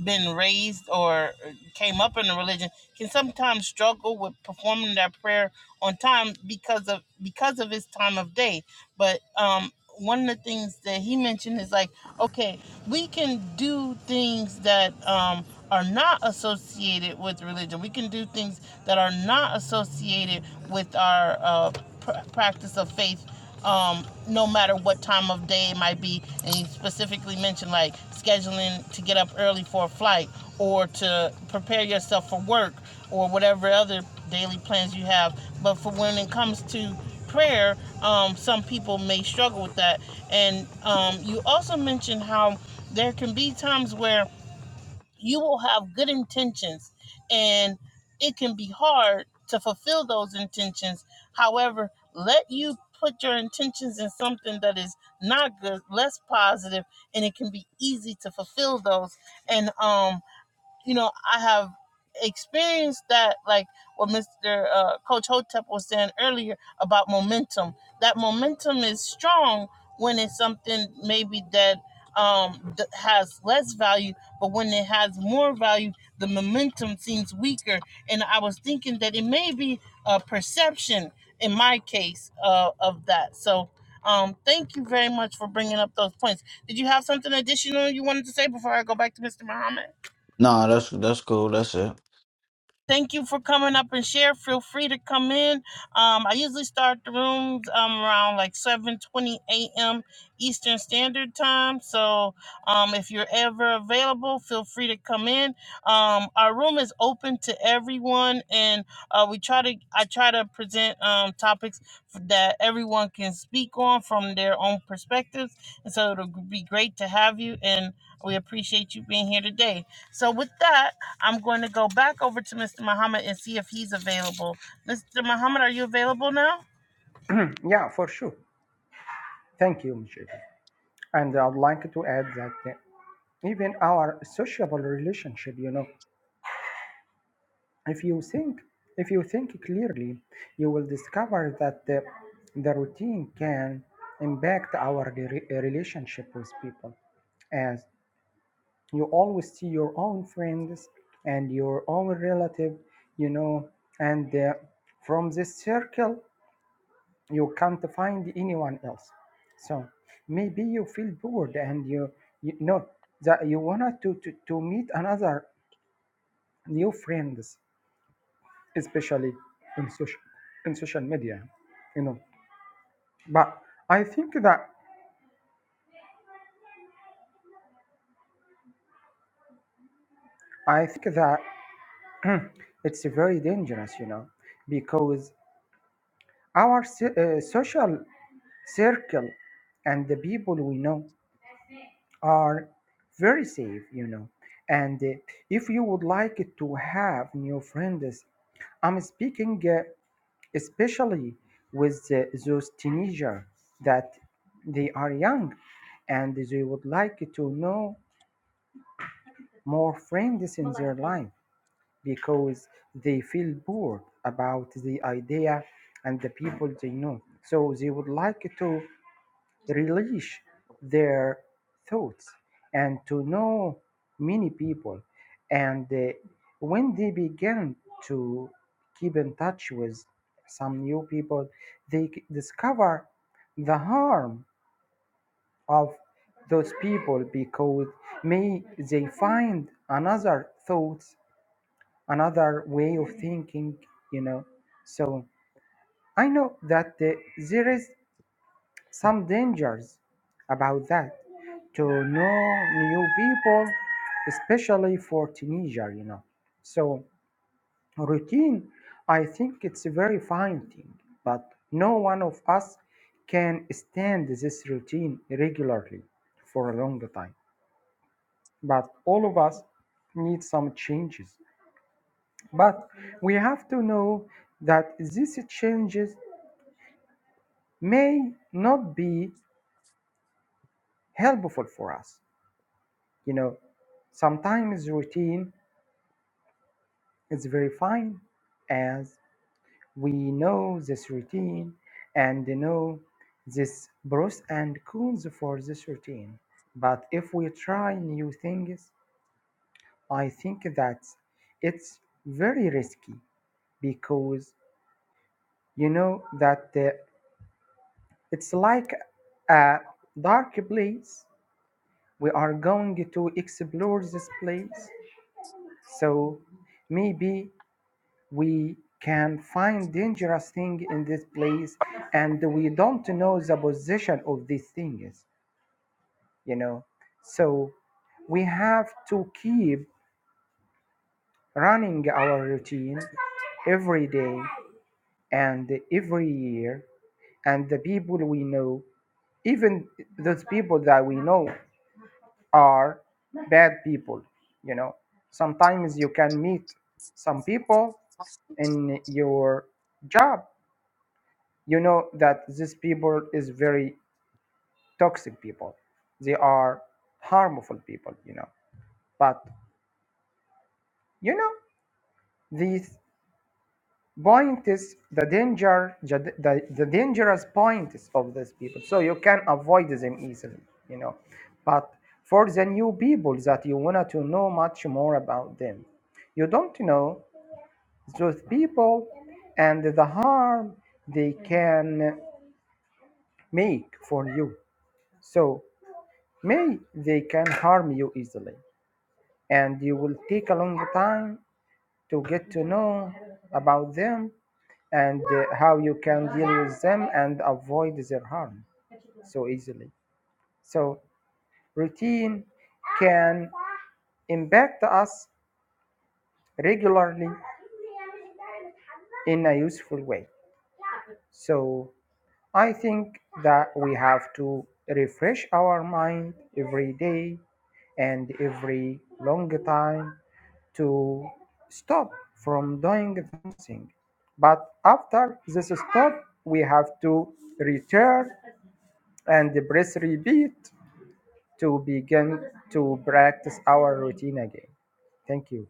A: been raised or uh, came up in a religion can sometimes struggle with performing their prayer on time because of because of its time of day but um one of the things that he mentioned is like okay we can do things that um are not associated with religion we can do things that are not associated with our uh pr- practice of faith um, no matter what time of day it might be. And you specifically mentioned like scheduling to get up early for a flight or to prepare yourself for work or whatever other daily plans you have. But for when it comes to prayer, um, some people may struggle with that. And um, you also mentioned how there can be times where you will have good intentions and it can be hard to fulfill those intentions however let you put your intentions in something that is not good less positive and it can be easy to fulfill those and um you know, I have experienced that, like what Mr. Uh, Coach Hotep was saying earlier about momentum. That momentum is strong when it's something maybe that um, that has less value, but when it has more value, the momentum seems weaker. And I was thinking that it may be a perception in my case uh, of that. So. Um, thank you very much for bringing up those points. Did you have something additional you wanted to say before I go back to Mr. Muhammad?
H: Nah, that's that's cool. That's it.
A: Thank you for coming up and share. Feel free to come in. Um, I usually start the rooms um, around like 7:20 a.m. Eastern Standard Time. So um, if you're ever available, feel free to come in. Um, our room is open to everyone, and uh, we try to I try to present um, topics that everyone can speak on from their own perspectives. And so it'll be great to have you, and we appreciate you being here today. So with that, I'm going to go back over to Mr. Muhammad and see if he's available. Mr. Muhammad, are you available now?
F: Yeah, for sure. Thank you, JB. And I'd like to add that even our sociable relationship, you know, if you think if you think clearly you will discover that the, the routine can impact our re- relationship with people as you always see your own friends and your own relative you know and uh, from this circle you can't find anyone else so maybe you feel bored and you you know that you wanted to, to to meet another new friends especially in social in social media you know but i think that i think that it's very dangerous you know because our so- uh, social circle and the people we know are very safe you know and uh, if you would like to have new friends i'm speaking uh, especially with uh, those teenagers that they are young and they would like to know more friends in their life because they feel bored about the idea and the people they know. So they would like to release their thoughts and to know many people. And uh, when they began to keep in touch with some new people, they c- discover the harm of those people because may they find another thoughts another way of thinking, you know. So I know that uh, there is some dangers about that to know new people, especially for teenager, you know. So routine, I think it's a very fine thing, but no one of us can stand this routine regularly for a long time. But all of us need some changes But we have to know that these changes may not be helpful for us. You know, sometimes routine is very fine as we know this routine and know this pros and cons for this routine. But if we try new things, I think that it's very risky because you know that uh, It's like a dark place. We are going to explore this place. So maybe we can find dangerous thing in this place and we don't know the position of these things, you know. So we have to keep running our routine every day and every year and the people we know even those people that we know are bad people you know sometimes you can meet some people in your job you know that these people is very toxic people they are harmful people you know but you know these point is the danger the, the, the dangerous point is of these people so you can avoid them easily you know but for the new people that you want to know much more about them you don't know those people and the harm they can make for you. So may they can harm you easily and you will take a long time to get to know about them and uh, how you can deal with them and avoid their harm so easily. So routine can impact us regularly in a useful way. So I think that we have to refresh our mind every day and every long time to stop from doing something. But after this stop, we have to return and press repeat to begin to practice our routine again. Thank you.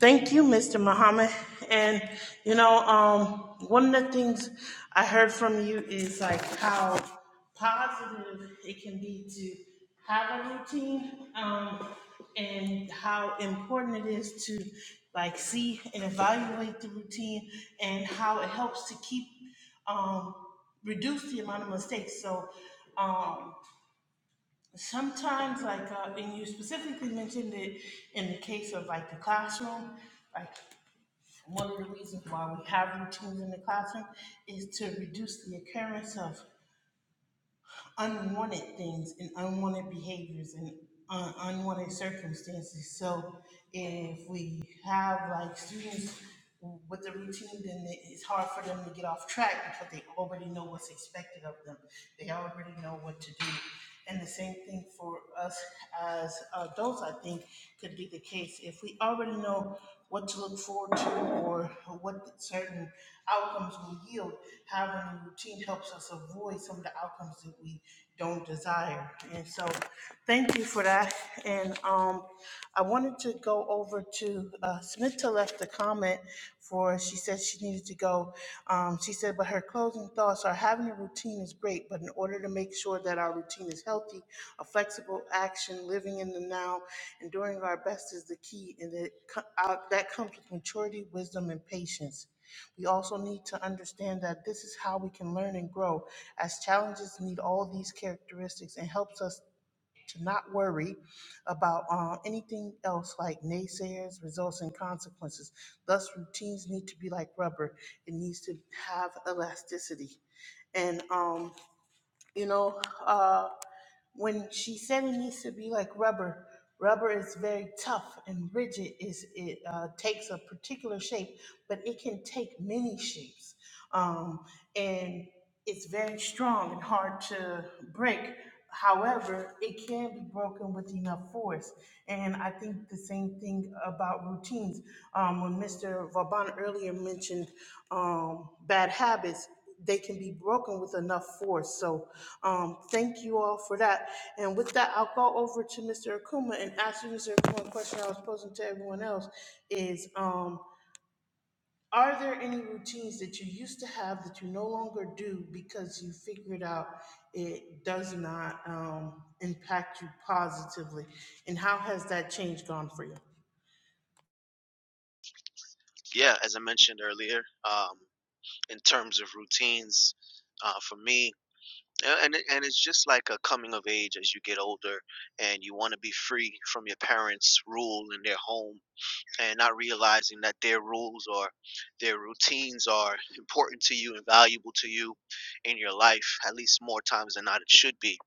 A: Thank you, Mr. Muhammad. And you know, um, one of the things I heard from you is like how positive it can be to have a routine, um, and how important it is to like see and evaluate the routine, and how it helps to keep um, reduce the amount of mistakes. So. Um, sometimes like uh, and you specifically mentioned it in the case of like the classroom like one of the reasons why we have routines in the classroom is to reduce the occurrence of unwanted things and unwanted behaviors and uh, unwanted circumstances. So if we have like students with the routine, then it- it's hard for them to get off track because they already know what's expected of them. They already know what to do. And the same thing for us as adults, I think, could be the case. If we already know what to look forward to or what certain outcomes will yield, having a routine helps us avoid some of the outcomes that we don't desire. And so, thank you for that. And um, I wanted to go over to uh, Smita left a comment for, she said she needed to go um, she said, but her closing thoughts are having a routine is great, but in order to make sure that our routine is healthy, a flexible action, living in the now, and doing our best is the key. And that co- out- that comes with maturity, wisdom, and patience. We also need to understand that this is how we can learn and grow, as challenges need all these characteristics and helps us to not worry about uh, anything else like naysayers, results, and consequences. Thus, routines need to be like rubber, it needs to have elasticity. And, um, you know uh, when she said it needs to be like rubber rubber is very tough and rigid is it uh, takes a particular shape but it can take many shapes um, and it's very strong and hard to break however it can be broken with enough force and i think the same thing about routines um, when mr vauban earlier mentioned um, bad habits, they can be broken with enough force. So um, thank you all for that. And with that, I'll go over to Mr. Akuma and ask you, Mr. Akuma, a question I was posing to everyone else is, um, are there any routines that you used to have that you no longer do because you figured out it does not um, impact you positively? And how has that change gone for you?
E: Yeah, as I mentioned earlier, um, in terms of routines uh, for me. A- And it- and it's just like a coming of age as you get older, and you want to be free from your parents' rule in their home, and not realizing that their rules or their routines are important to you and valuable to you in your life, at least more times than not it should be.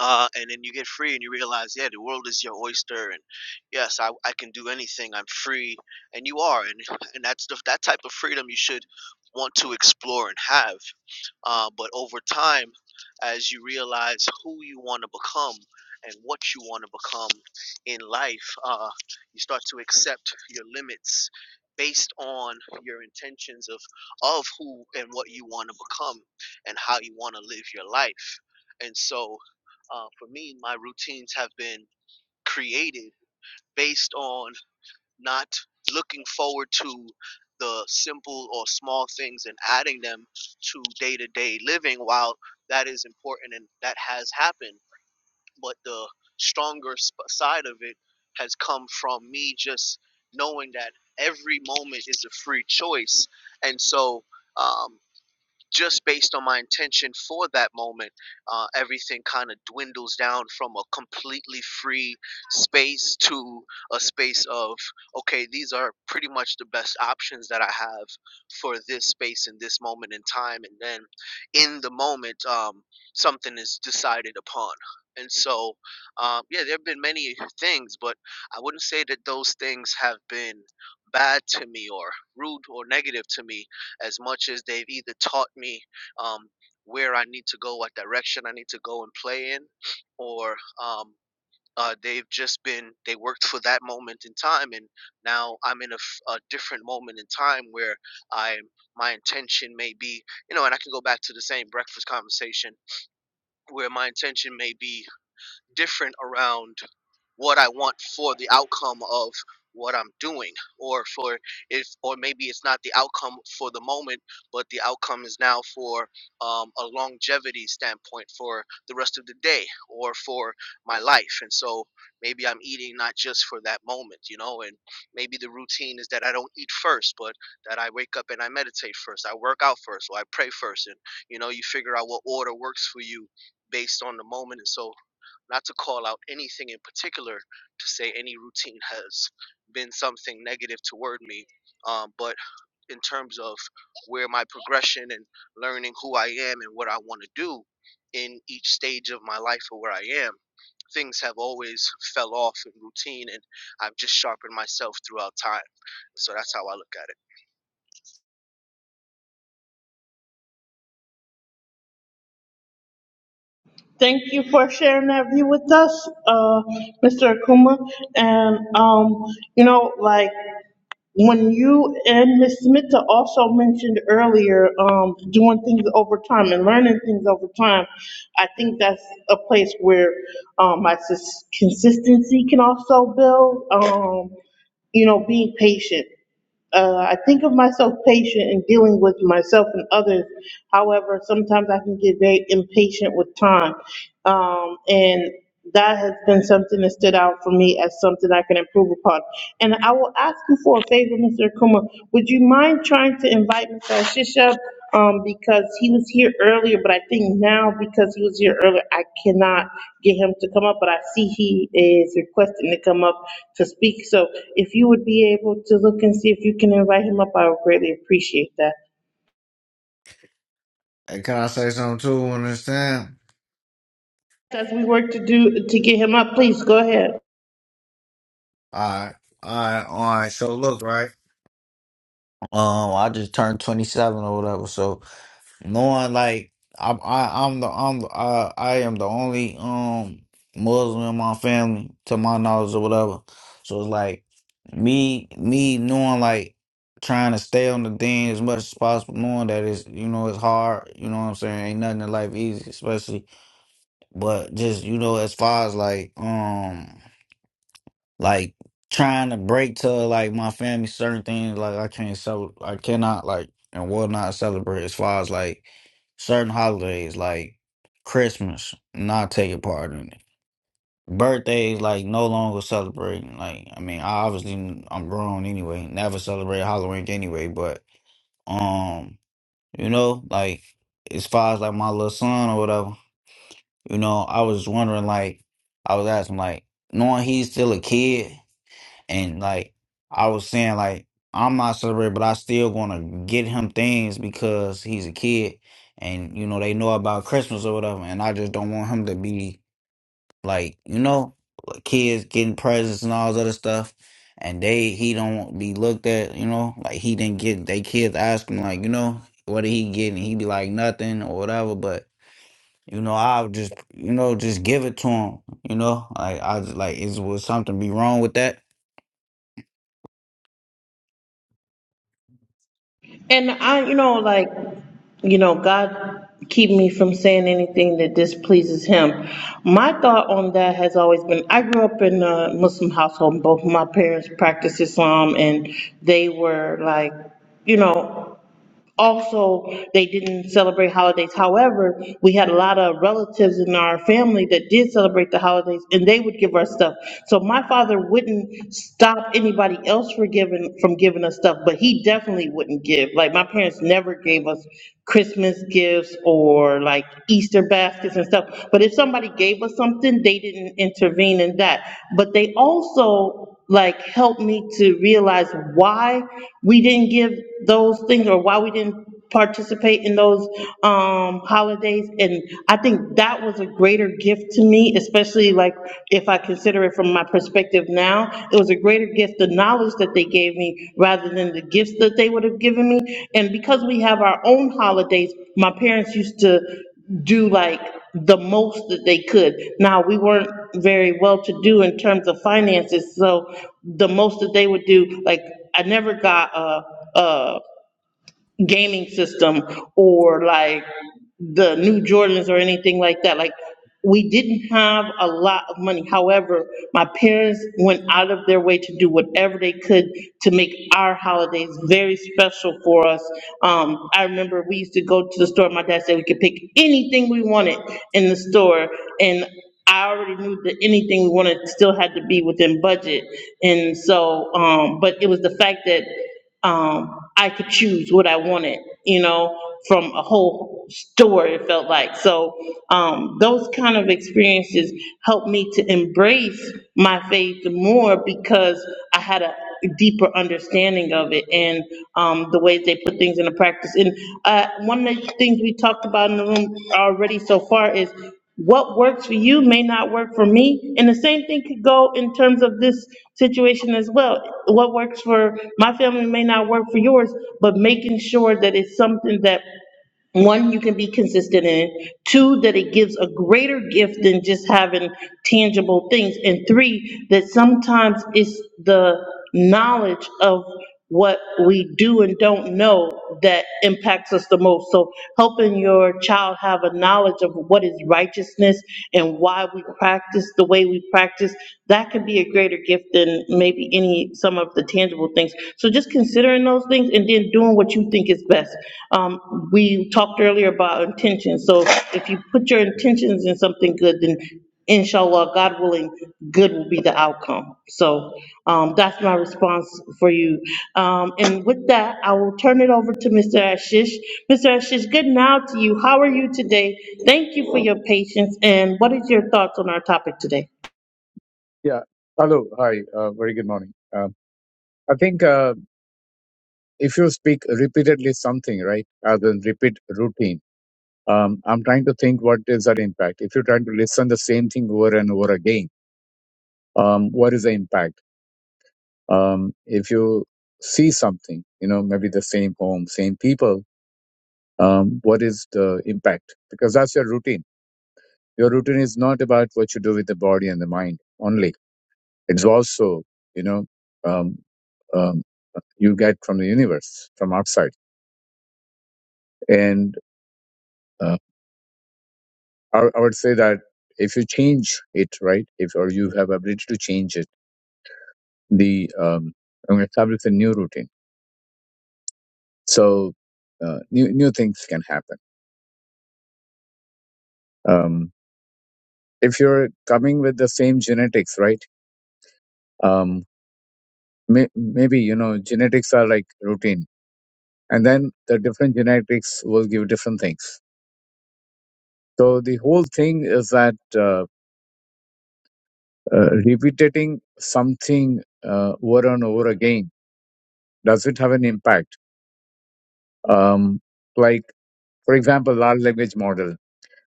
E: Uh, and then you get free, and you realize, yeah, the world is your oyster, and yes, I, I can do anything. I'm free, and you are, and and that's the that type of freedom you should want to explore and have uh, but over time, as you realize who you want to become and what you want to become in life, uh, you start to accept your limits based on your intentions of of who and what you want to become and how you want to live your life. And so, uh, for me, my routines have been created based on not looking forward to the simple or small things and adding them to day to day living, while that is important and that has happened. But the stronger sp- side of it has come from me just knowing that every moment is a free choice. And so, um, just based on my intention for that moment, uh, everything kind of dwindles down from a completely free space to a space of, okay, these are pretty much the best options that I have for this space in this moment in time. And then in the moment, um, something is decided upon. And so, um, yeah, there have been many things, but I wouldn't say that those things have been bad to me or rude or negative to me as much as they've either taught me um, where I need to go, what direction I need to go and play in, or um, uh, they've just been they worked for that moment in time, and now I'm in a, f- a different moment in time where I my intention may be, you know, and I can go back to the same breakfast conversation where my intention may be different around what I want for the outcome of what I'm doing or for if or maybe it's not the outcome for the moment but the outcome is now for um, a longevity standpoint for the rest of the day or for my life and so maybe I'm eating not just for that moment you know and maybe the routine is that I don't eat first but that I wake up and I meditate first I work out first or I pray first and you know you figure out what order works for you based on the moment and so not to call out anything in particular, to say any routine has been something negative toward me, um, but in terms of where my progression and learning who I am and what I want to do in each stage of my life or where I am, things have always fell off in routine, and I've just sharpened myself throughout time. So that's how I look at it.
A: Thank you for sharing that view with us, uh, Mr. Akuma. And, um, you know, like, when you and Ms. Smita also mentioned earlier, um, doing things over time and learning things over time, I think that's a place where, um, my sus- consistency can also build, um, you know, being patient. Uh, I think of myself patient in dealing with myself and others. However, sometimes I can get very impatient with time. Um, and that has been something that stood out for me as something I can improve upon. And I will ask you for a favor, Mr. Akuma. Would you mind trying to invite Mr. Shisha um, because he was here earlier, but I think now because he was here earlier, I cannot get him to come up, but I see he is requesting to come up to speak. So if you would be able to look and see if you can invite him up, I would greatly appreciate that.
H: Hey, can I say something too on this time?
A: As we work to do, to get him up, please go ahead.
H: All right. All right, all right. So look, right. Um, I just turned twenty seven or whatever. So knowing like I'm, I, I'm the, I'm, the- I, I am the only um Muslim in my family, to my knowledge or whatever. So it's like me, me knowing like trying to stay on the thing as much as possible, knowing that it's, you know, it's hard. You know what I'm saying? Ain't nothing in life easy, especially. But just you know, as far as like um. like trying to break to like my family certain things like I can't so I cannot like and will not celebrate as far as like certain holidays like Christmas not taking part in it birthdays like no longer celebrating like I mean I obviously I'm grown anyway never celebrate Halloween anyway but um you know like as far as like my little son or whatever you know I was wondering like I was asking like knowing he's still a kid and like I was saying, like I'm not celebrating, but I still gonna get him things because he's a kid, and you know they know about Christmas or whatever. And I just don't want him to be like you know like kids getting presents and all this other stuff, and they he don't be looked at. You know, like he didn't get they kids ask him like you know what did he get, and he be like nothing or whatever, but. You know, I'll just you know just give it to him. You know, like I was like is was something be wrong with that?
A: And I, you know, like, you know, God keep me from saying anything that displeases him. My thought on that has always been, I grew up in a Muslim household, both my parents practiced Islam, and they were like, you know, also, they didn't celebrate holidays. However, we had a lot of relatives in our family that did celebrate the holidays, and they would give us stuff. So my father wouldn't stop anybody else for giving, from giving us stuff, but he definitely wouldn't give. Like, my parents never gave us Christmas gifts or like Easter baskets and stuff. But if somebody gave us something, they didn't intervene in that. But they also like help me to realize why we didn't give those things or why we didn't participate in those um holidays and I think that was a greater gift to me, especially like if I consider it from my perspective now, it was a greater gift, the knowledge that they gave me rather than the gifts that they would have given me. And because we have our own holidays, my parents used to do like the most that they could. Now, we weren't very well-to-do in terms of finances, so the most that they would do, like, I never got a, a gaming system or like the new Jordans or anything like that. Like, we didn't have a lot of money. However, my parents went out of their way to do whatever they could to make our holidays very special for us. Um, I remember we used to go to the store, my dad said we could pick anything we wanted in the store. And I already knew that anything we wanted still had to be within budget. And so, um, but it was the fact that um, I could choose what I wanted, you know, from a whole store, it felt like. So, um, those kind of experiences helped me to embrace my faith more because I had a deeper understanding of it and, um, the ways they put things into practice. And, uh, one of the things we talked about in the room already so far is what works for you may not work for me. And the same thing could go in terms of this situation as well. What works for my family may not work for yours, but making sure that it's something that one, you can be consistent in, two, that it gives a greater gift than just having tangible things, and three, that sometimes it's the knowledge of what we do and don't know that impacts us the most. So helping your child have a knowledge of what is righteousness and why we practice the way we practice, that could be a greater gift than maybe any, some of the tangible things. So just considering those things and then doing what you think is best. Um, we talked earlier about intention. So if you put your intentions in something good, then inshallah, God willing, good will be the outcome. So um, that's my response for you. Um, And with that, I will turn it over to Mr. Ashish. Mr. Ashish, good now to you. How are you today? Thank you for your patience, and what is your thoughts on our topic today?
I: Yeah. Hello. Hi. Uh, very good morning. Uh, I think uh, if you speak repeatedly something, right, as in repeat routine, um, I'm trying to think what is that impact. If you're trying to listen the same thing over and over again, um, what is the impact? Um, if you see something, you know, maybe the same home, same people, um, what is the impact? Because that's your routine. Your routine is not about what you do with the body and the mind only It's also, you know, um, um, you get from the universe, from outside. And uh, I, I would say that if you change it, right, if or you have ability to change it, the um, and establish a new routine. So uh, new new things can happen. Um, if you're coming with the same genetics, right? Um, may, maybe you know genetics are like routine, and then the different genetics will give different things. So the whole thing is that. Uh, uh, repeating something uh, over and over again does it have an impact um, like for example large language model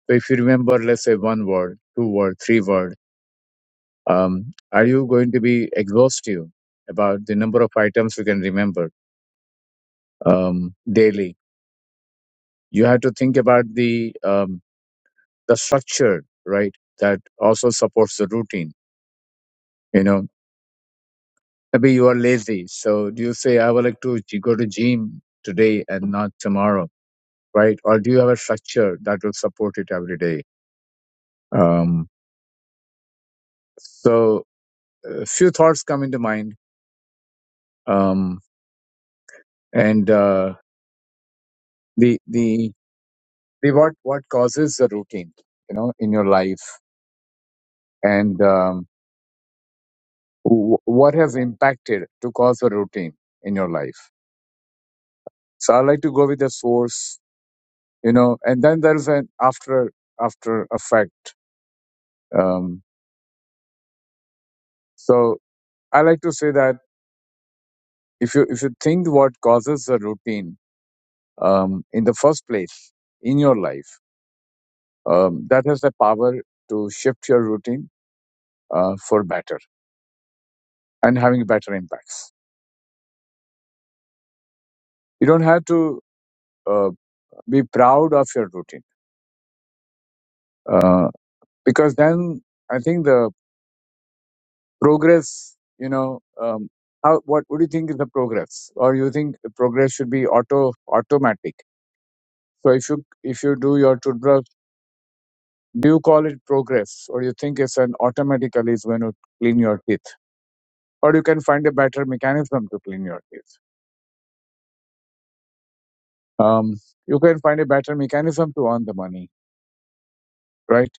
I: so if you remember let's say one word two word three word um, are you going to be exhaustive about the number of items you can remember um, daily you have to think about the um, the structure right that also supports the routine you know maybe you are lazy so do you say i would like to g- go to gym today and not tomorrow right? Or do you have a structure that will support it every day? Um, so a few thoughts come into mind. Um, and uh, the, the, the what, what causes the routine, you know, in your life and um, wh- what has impacted to cause a routine in your life? So I like to go with the source, you know, and then there's an after, after effect. Um, so I like to say that if you, if you think what causes the routine, um, in the first place in your life um, that has the power to shift your routine uh, for better and having better impacts. You don't have to uh, be proud of your routine uh, because then I think the progress, you know, um, how, what, what do you think is the progress? Or you think the progress should be auto automatic? So if you if you do your toothbrush, do you call it progress, or you think it's an automatically is going to clean your teeth? or you can find a better mechanism to clean your teeth. Um, you can find a better mechanism to earn the money, right?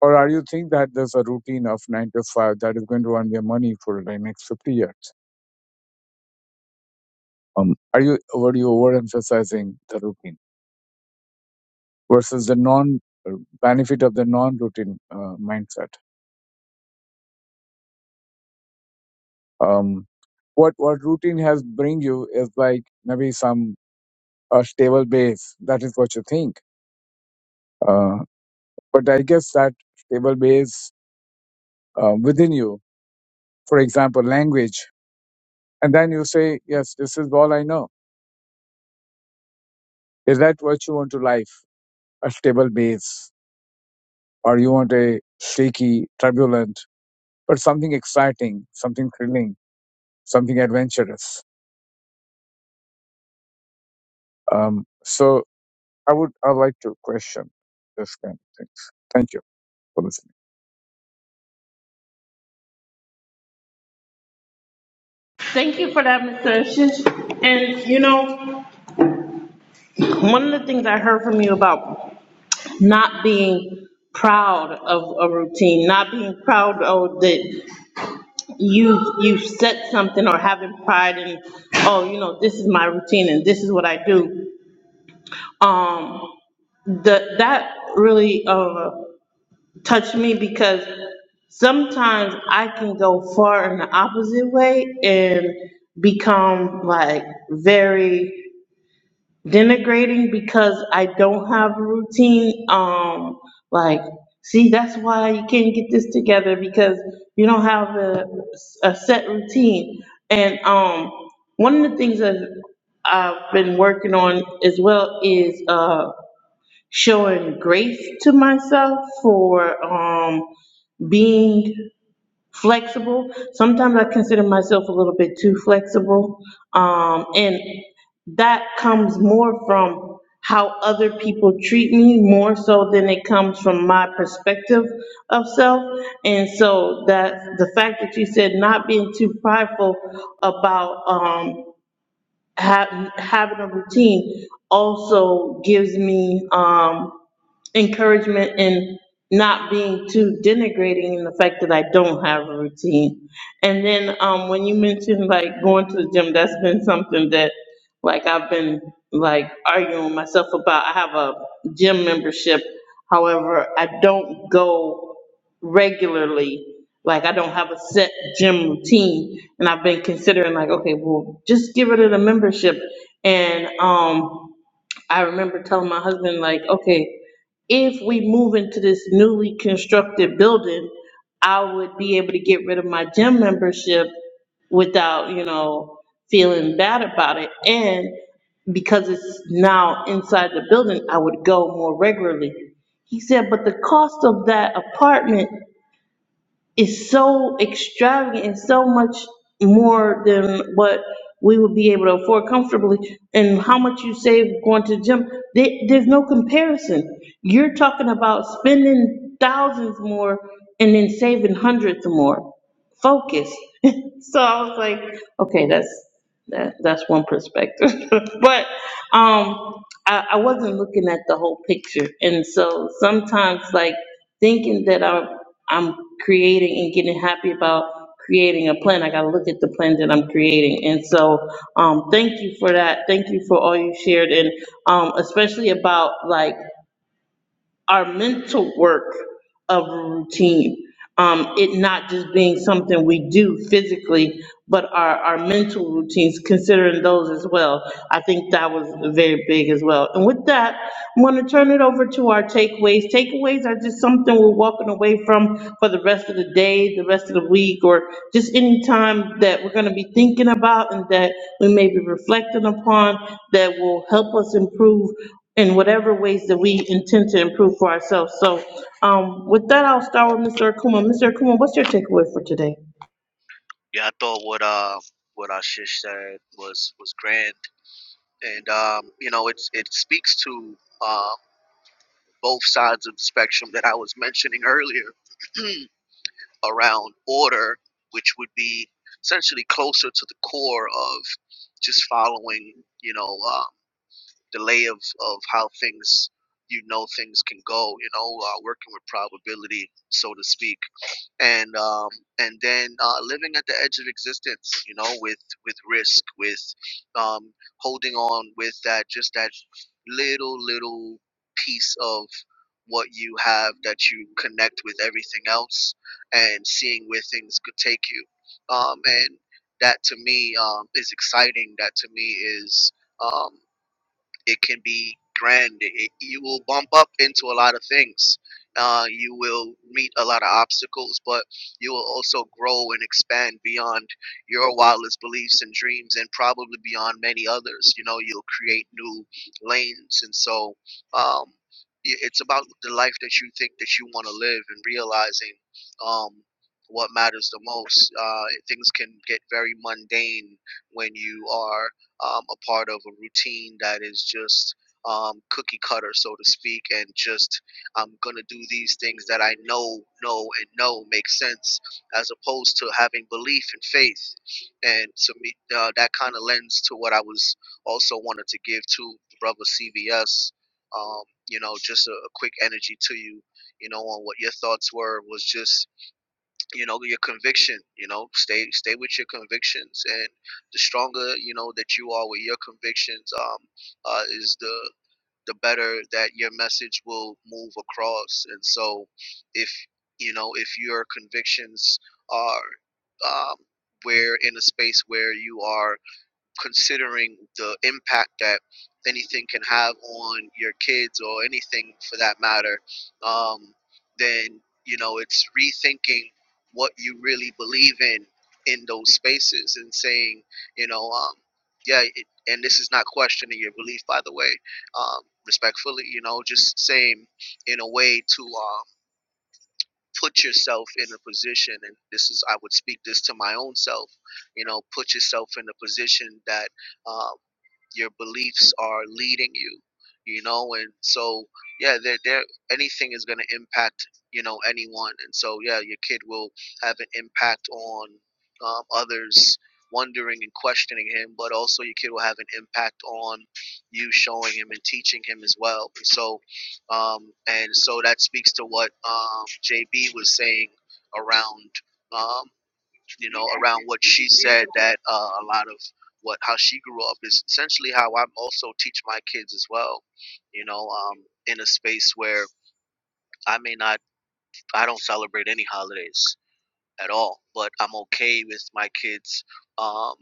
I: Or are you think that there's a routine of nine to five that is going to earn your money for the next 50 years? Um, are you were you overemphasizing the routine versus the non uh, benefit of the non-routine uh, mindset? Um, what what routine has bring you is like maybe some a stable base. That is what you think. Uh, but I guess that stable base uh, within you for example, language. And then you say, yes, this is all I know. Is that what you want to life? A stable base, or you want a shaky, turbulent, but something exciting, something thrilling, something adventurous. Um, so I would, I would like to question this kind of things. Thank you for listening.
A: Thank you for that, Mr. Ashish. And, you know, one of the things I heard from you about not being proud of a routine, not being proud of that you, you set something or having pride in, oh, you know, this is my routine and this is what I do. Um, the, that really, uh, touched me because sometimes I can go far in the opposite way and become like very denigrating because I don't have a routine. Um, like, see, that's why you can't get this together because you don't have a, a set routine. And, um, one of the things that I've been working on as well is, uh, showing grace to myself for, um, being flexible. Sometimes I consider myself a little bit too flexible. Um, and that comes more from how other people treat me more so than it comes from my perspective of self. And so that, the fact that you said not being too prideful about, um, ha having a routine also gives me, um, encouragement and not being too denigrating in the fact that I don't have a routine. And then, um, when you mentioned like going to the gym, that's been something that like I've been like arguing with myself about. I have a gym membership. However, I don't go regularly. Like I don't have a set gym routine and I've been considering like, okay, well, just give it a membership. And, um, I remember telling my husband, like, okay, if we move into this newly constructed building, I would be able to get rid of my gym membership without, you know, feeling bad about it. And because it's now inside the building, I would go more regularly. He said, but the cost of that apartment is so extravagant and so much more than what we would be able to afford comfortably and how much you save going to the gym. There, there's no comparison. You're talking about spending thousands more and then saving hundreds more focused. so I was like, okay, that's that that's one perspective. but um I, I wasn't looking at the whole picture. And so sometimes like thinking that I'm I'm creating and getting happy about creating a plan, I gotta look at the plan that I'm creating. And so um thank you for that. Thank you for all you shared and um especially about like our mental work of routine. Um, it not just being something we do physically, but our, our mental routines, considering those as well. I think that was very big as well. And with that, I'm gonna turn it over to our takeaways. Takeaways are just something we're walking away from for the rest of the day, the rest of the week, or just any time that we're gonna be thinking about and that we may be reflecting upon that will help us improve in whatever ways that we intend to improve for ourselves. So um, with that, I'll start with Mr. Akuma. Mr. Akuma, what's your takeaway for today?
E: Yeah, I thought what uh what Ashish said was was grand, and um, you know, it's it speaks to. Um, both sides of the spectrum that I was mentioning earlier around order, which would be essentially closer to the core of just following, you know, um, the lay of, of how things, you know, things can go, you know, uh, working with probability, so to speak and um, and then uh, living at the edge of existence, you know, with with risk, with um, holding on with that just that little little piece of what you have that you connect with everything else, and seeing where things could take you, um, and that to me um, is exciting. That to me is. Um, it can be grand. It, you will bump up into a lot of things. Uh, you will meet a lot of obstacles, but you will also grow and expand beyond your wildest beliefs and dreams, and probably beyond many others. You know, you'll create new lanes, and so um, i- it's about the life that you think that you want to live, and realizing um, what matters the most. Uh, things can get very mundane when you are um, a part of a routine that is just um, cookie cutter, so to speak, and just I'm gonna do these things that I know, know, and know make sense, as opposed to having belief and faith. And to me, uh, that kind of lends to what I was also wanted to give to brother CVS. Um, you know, just a, a quick energy to you, you know, on what your thoughts were was just you know your conviction you know stay stay with your convictions and the stronger you know that you are with your convictions um uh is the the better that your message will move across and so if you know if your convictions are um where in a space where you are considering the impact that anything can have on your kids or anything for that matter, um, then you know it's rethinking what you really believe in in those spaces and saying, you know, um, yeah, it, and this is not questioning your belief, by the way, um, respectfully, you know, just saying in a way to um, put yourself in a position, and this is I would speak this to my own self, you know, put yourself in a position that um, your beliefs are leading you you know and so yeah there there anything is going to impact you know anyone and so yeah your kid will have an impact on um, others wondering and questioning him but also your kid will have an impact on you showing him and teaching him as well and so um, and so that speaks to what um, jb was saying around um you know, around what she said that uh, a lot of what how she grew up is essentially how i also teach my kids as well, you know, um, in a space where I may not, I don't celebrate any holidays, at all. But I'm okay with my kids, um,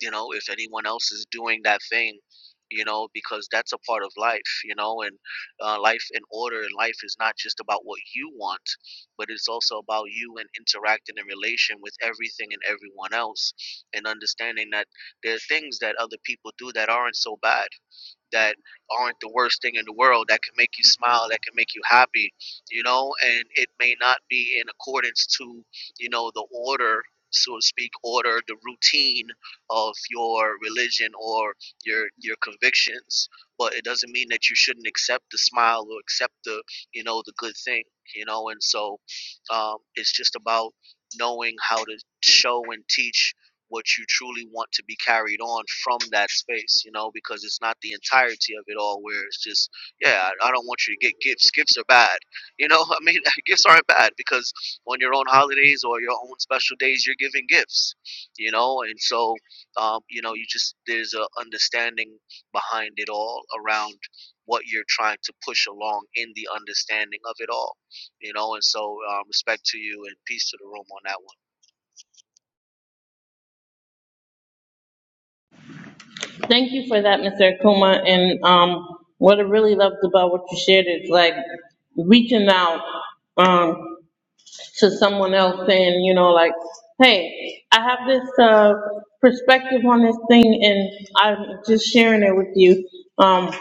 E: you know, if anyone else is doing that thing, you know, because that's a part of life, you know, and uh, life in order in life is not just about what you want, but it's also about you and interacting in relation with everything and everyone else and understanding that there are things that other people do that aren't so bad that aren't the worst thing in the world that can make you smile that can make you happy you know and it may not be in accordance to you know the order so to speak order the routine of your religion or your your convictions but it doesn't mean that you shouldn't accept the smile or accept the you know the good thing you know and so um, it's just about knowing how to show and teach what you truly want to be carried on from that space, you know, because it's not the entirety of it all where it's just, yeah, I, I don't want you to get gifts. Gifts are bad. You know, I mean, gifts aren't bad because on your own holidays or your own special days, you're giving gifts, you know, and so, um, you know, you just, there's a understanding behind it all around what you're trying to push along in the understanding of it all, you know, and so um, respect to you and peace to the room on that one.
A: Thank you for that, Mr. Akuma. And um, what I really loved about what you shared is like reaching out um, to someone else saying, you know, like, hey, I have this uh, perspective on this thing and I'm just sharing it with you. Um,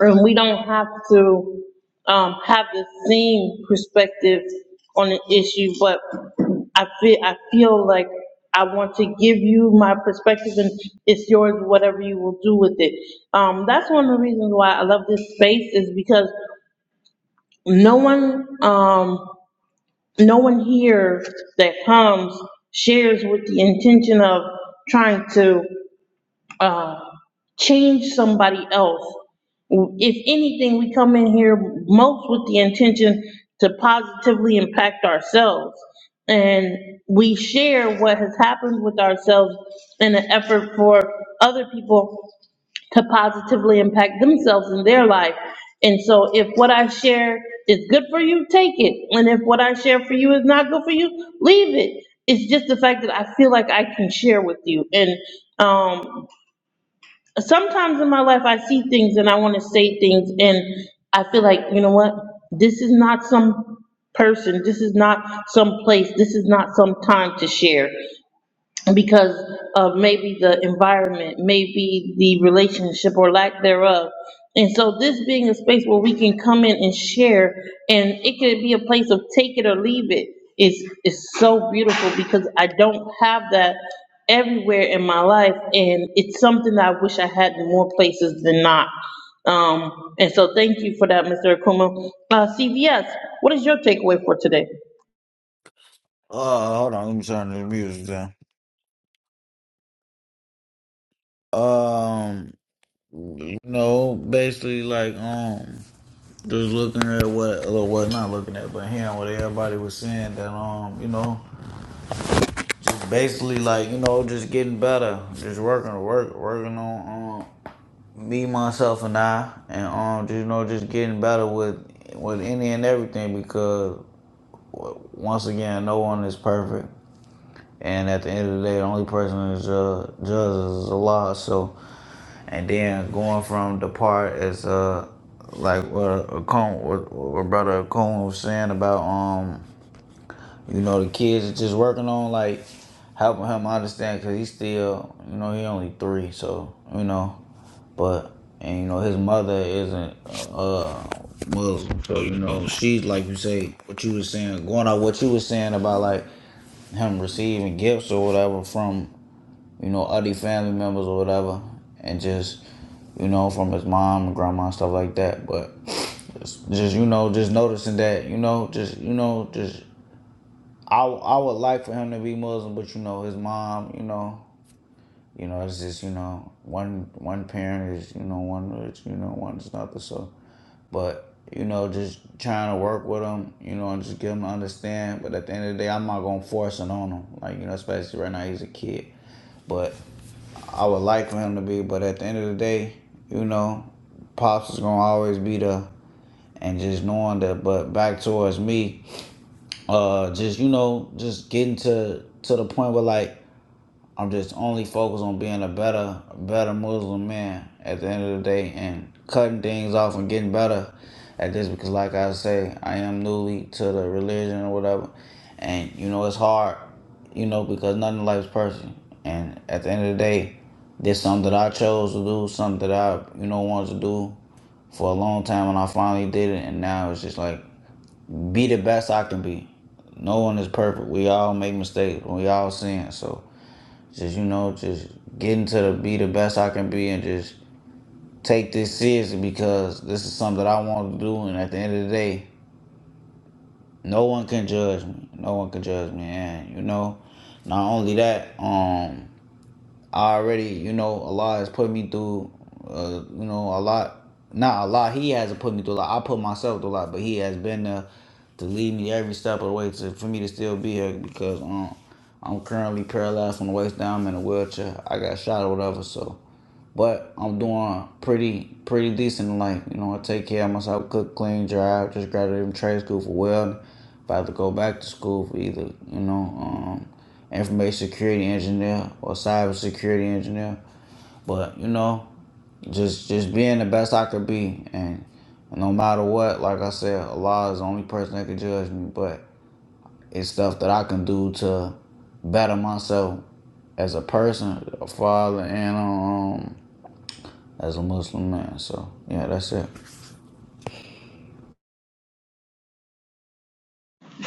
A: And we don't have to, um, have the same perspective on the issue, but I feel, I feel like I want to give you my perspective and it's yours, whatever you will do with it. Um, that's one of the reasons why I love this space is because no one, um, no one here that comes shares with the intention of trying to uh, change somebody else. If anything, we come in here most with the intention to positively impact ourselves. And we share what has happened with ourselves in an effort for other people to positively impact themselves in their life. And so if what I share is good for you, take it. And if what I share for you is not good for you, leave it. It's just the fact that I feel like I can share with you. And, um, sometimes in my life, I see things and I want to say things, and I feel like, you know what? This is not some person, this is not some place, this is not some time to share because of maybe the environment, maybe the relationship or lack thereof. And so this being a space where we can come in and share, and it could be a place of take it or leave it, is, is so beautiful because I don't have that everywhere in my life, and it's something that I wish I had in more places than not. Um, and so thank you for that, Mr. Akuma. Uh, CVS, what is your takeaway for today?
H: Uh, hold on, let me turn the music down. Um, you know, basically, like, um, just looking at what, well, what, not looking at, but hearing what everybody was saying that, um, you know, basically, like, you know, just getting better, just working, work, working on, um, me, myself, and I, and, um, just, you know, just getting better with, with any and everything because, w- once again, no one is perfect. And at the end of the day, the only person that's uh, judges is Allah. So, And then going from the part as uh like what Akon what, what brother Akon was saying about um you know the kids is just working on like helping him understand because he's still you know he only three so you know but and you know his mother isn't uh Muslim so you know she's like you say what you was saying going on what you was saying about like him receiving gifts or whatever from you know, other family members or whatever, and just, you know, from his mom and grandma and stuff like that. But just, just you know, just noticing that, you know, just, you know, just, I, I would like for him to be Muslim, but you know, his mom, you know, you know, it's just, you know, one one parent is, you know, one is, you know, one is another. So, but you know, just trying to work with him, you know, and just get him to understand. But at the end of the day, I'm not gonna force it on him. Like you know, especially right now, he's a kid. But I would like for him to be, but at the end of the day, you know, Pops is gonna always be there. And just knowing that, but back towards me, uh, just you know, just getting to to the point where like I'm just only focused on being a better, better Muslim man at the end of the day and cutting things off and getting better at this because, like I say, I am newly to the religion or whatever, and you know it's hard, you know, because nothing in life is perfect. And at the end of the day, this is something that I chose to do, something that I you know wanted to do for a long time, and I finally did it. And now it's just like be the best I can be. No one is perfect. We all make mistakes. We all sin. So just you know, just getting to the be the best I can be, and just take this seriously because this is something that I want to do. And at the end of the day, no one can judge me. No one can judge me, and you know, not only that, um, I already you know Allah has put me through, uh, you know, a lot. Not a lot. He hasn't put me through a lot. I put myself through a lot, but he has been there to lead me every step of the way to for me to still be here because um I'm currently paralyzed from the waist down. I'm in a wheelchair. I got shot or whatever, so but I'm doing pretty pretty decent in life. You know, I take care of myself, cook, clean, drive. Just graduated from trade school for welding. About to go back to school for either, you know, um, information security engineer or cyber security engineer. But, you know, just just being the best I could be and no matter what, like I said, Allah is the only person that can judge me, but it's stuff that I can do to better myself as a person, a father, and um, as a Muslim man. So yeah, that's it.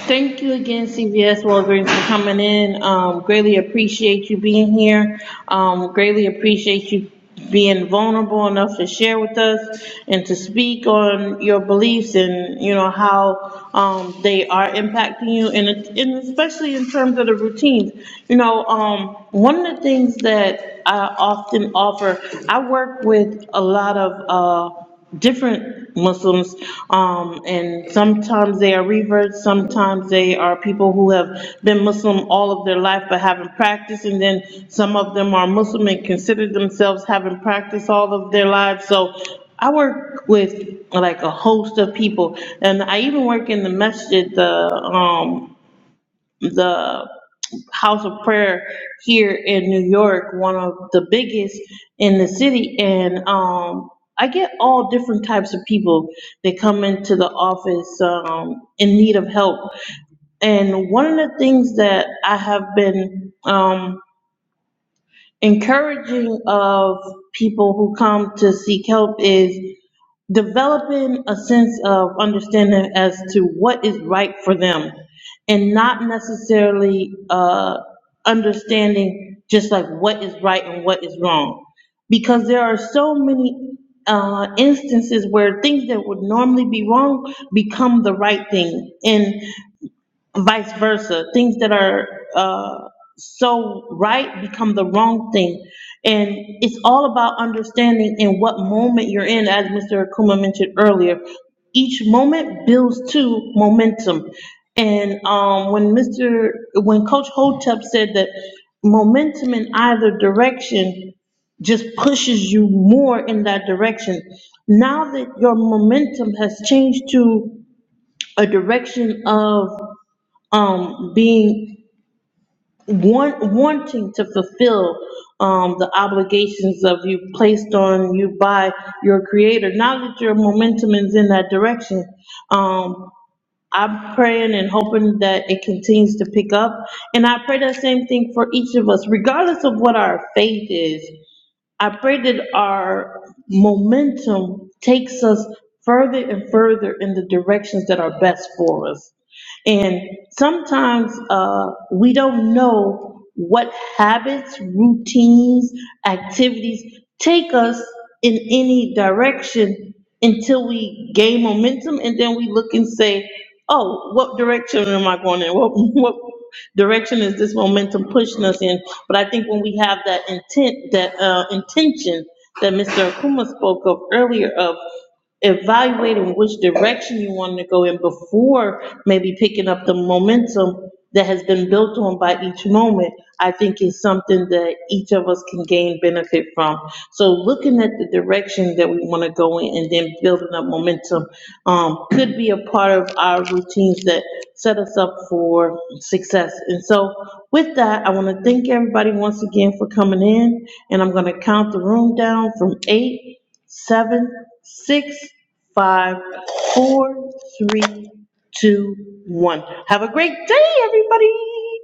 A: Thank you again, CVS Walgreens, for coming in. Um, greatly appreciate you being here. Um, greatly appreciate you being vulnerable enough to share with us and to speak on your beliefs and, you know, how, um, they are impacting you and, it- and especially in terms of the routines. You know, um, one of the things that I often offer, I work with a lot of, uh, different Muslims, um, and sometimes they are reverts, sometimes they are people who have been Muslim all of their life but haven't practiced, and then some of them are Muslim and consider themselves having practiced all of their lives, so I work with like a host of people, and I even work in the masjid, the, um, the house of prayer here in New York, one of the biggest in the city. And um, I get all different types of people that come into the office um, in need of help. And one of the things that I have been um, encouraging of people who come to seek help is developing a sense of understanding as to what is right for them and not necessarily uh, understanding just like what is right and what is wrong. Because there are so many uh, instances where things that would normally be wrong become the right thing. And vice versa. Things that are uh, so right become the wrong thing. And it's all about understanding in what moment you're in, as Mr. Akuma mentioned earlier. Each moment builds to momentum. And um, when Mr., when Coach Hotep said that momentum in either direction just pushes you more in that direction. Now that your momentum has changed to a direction of um, being, want, wanting to fulfill, um, the obligations of you placed on you by your creator. Now that your momentum is in that direction, um, I'm praying and hoping that it continues to pick up. And I pray that same thing for each of us, regardless of what our faith is. I pray that our momentum takes us further and further in the directions that are best for us. And sometimes uh, we don't know what habits, routines, activities take us in any direction until we gain momentum and then we look and say, oh, what direction am I going in? What, what direction is this momentum pushing us in? But I think when we have that intent, that uh, intention that Mr. Akuma spoke of earlier of evaluating which direction you want to go in before maybe picking up the momentum that has been built on by each moment, I think is something that each of us can gain benefit from. So looking at the direction that we want to go in and then building up momentum, um, could be a part of our routines that set us up for success. And so with that, I want to thank everybody once again for coming in, and I'm going to count the room down from eight, seven, six, five, four, three, two, one. Have a great day, everybody.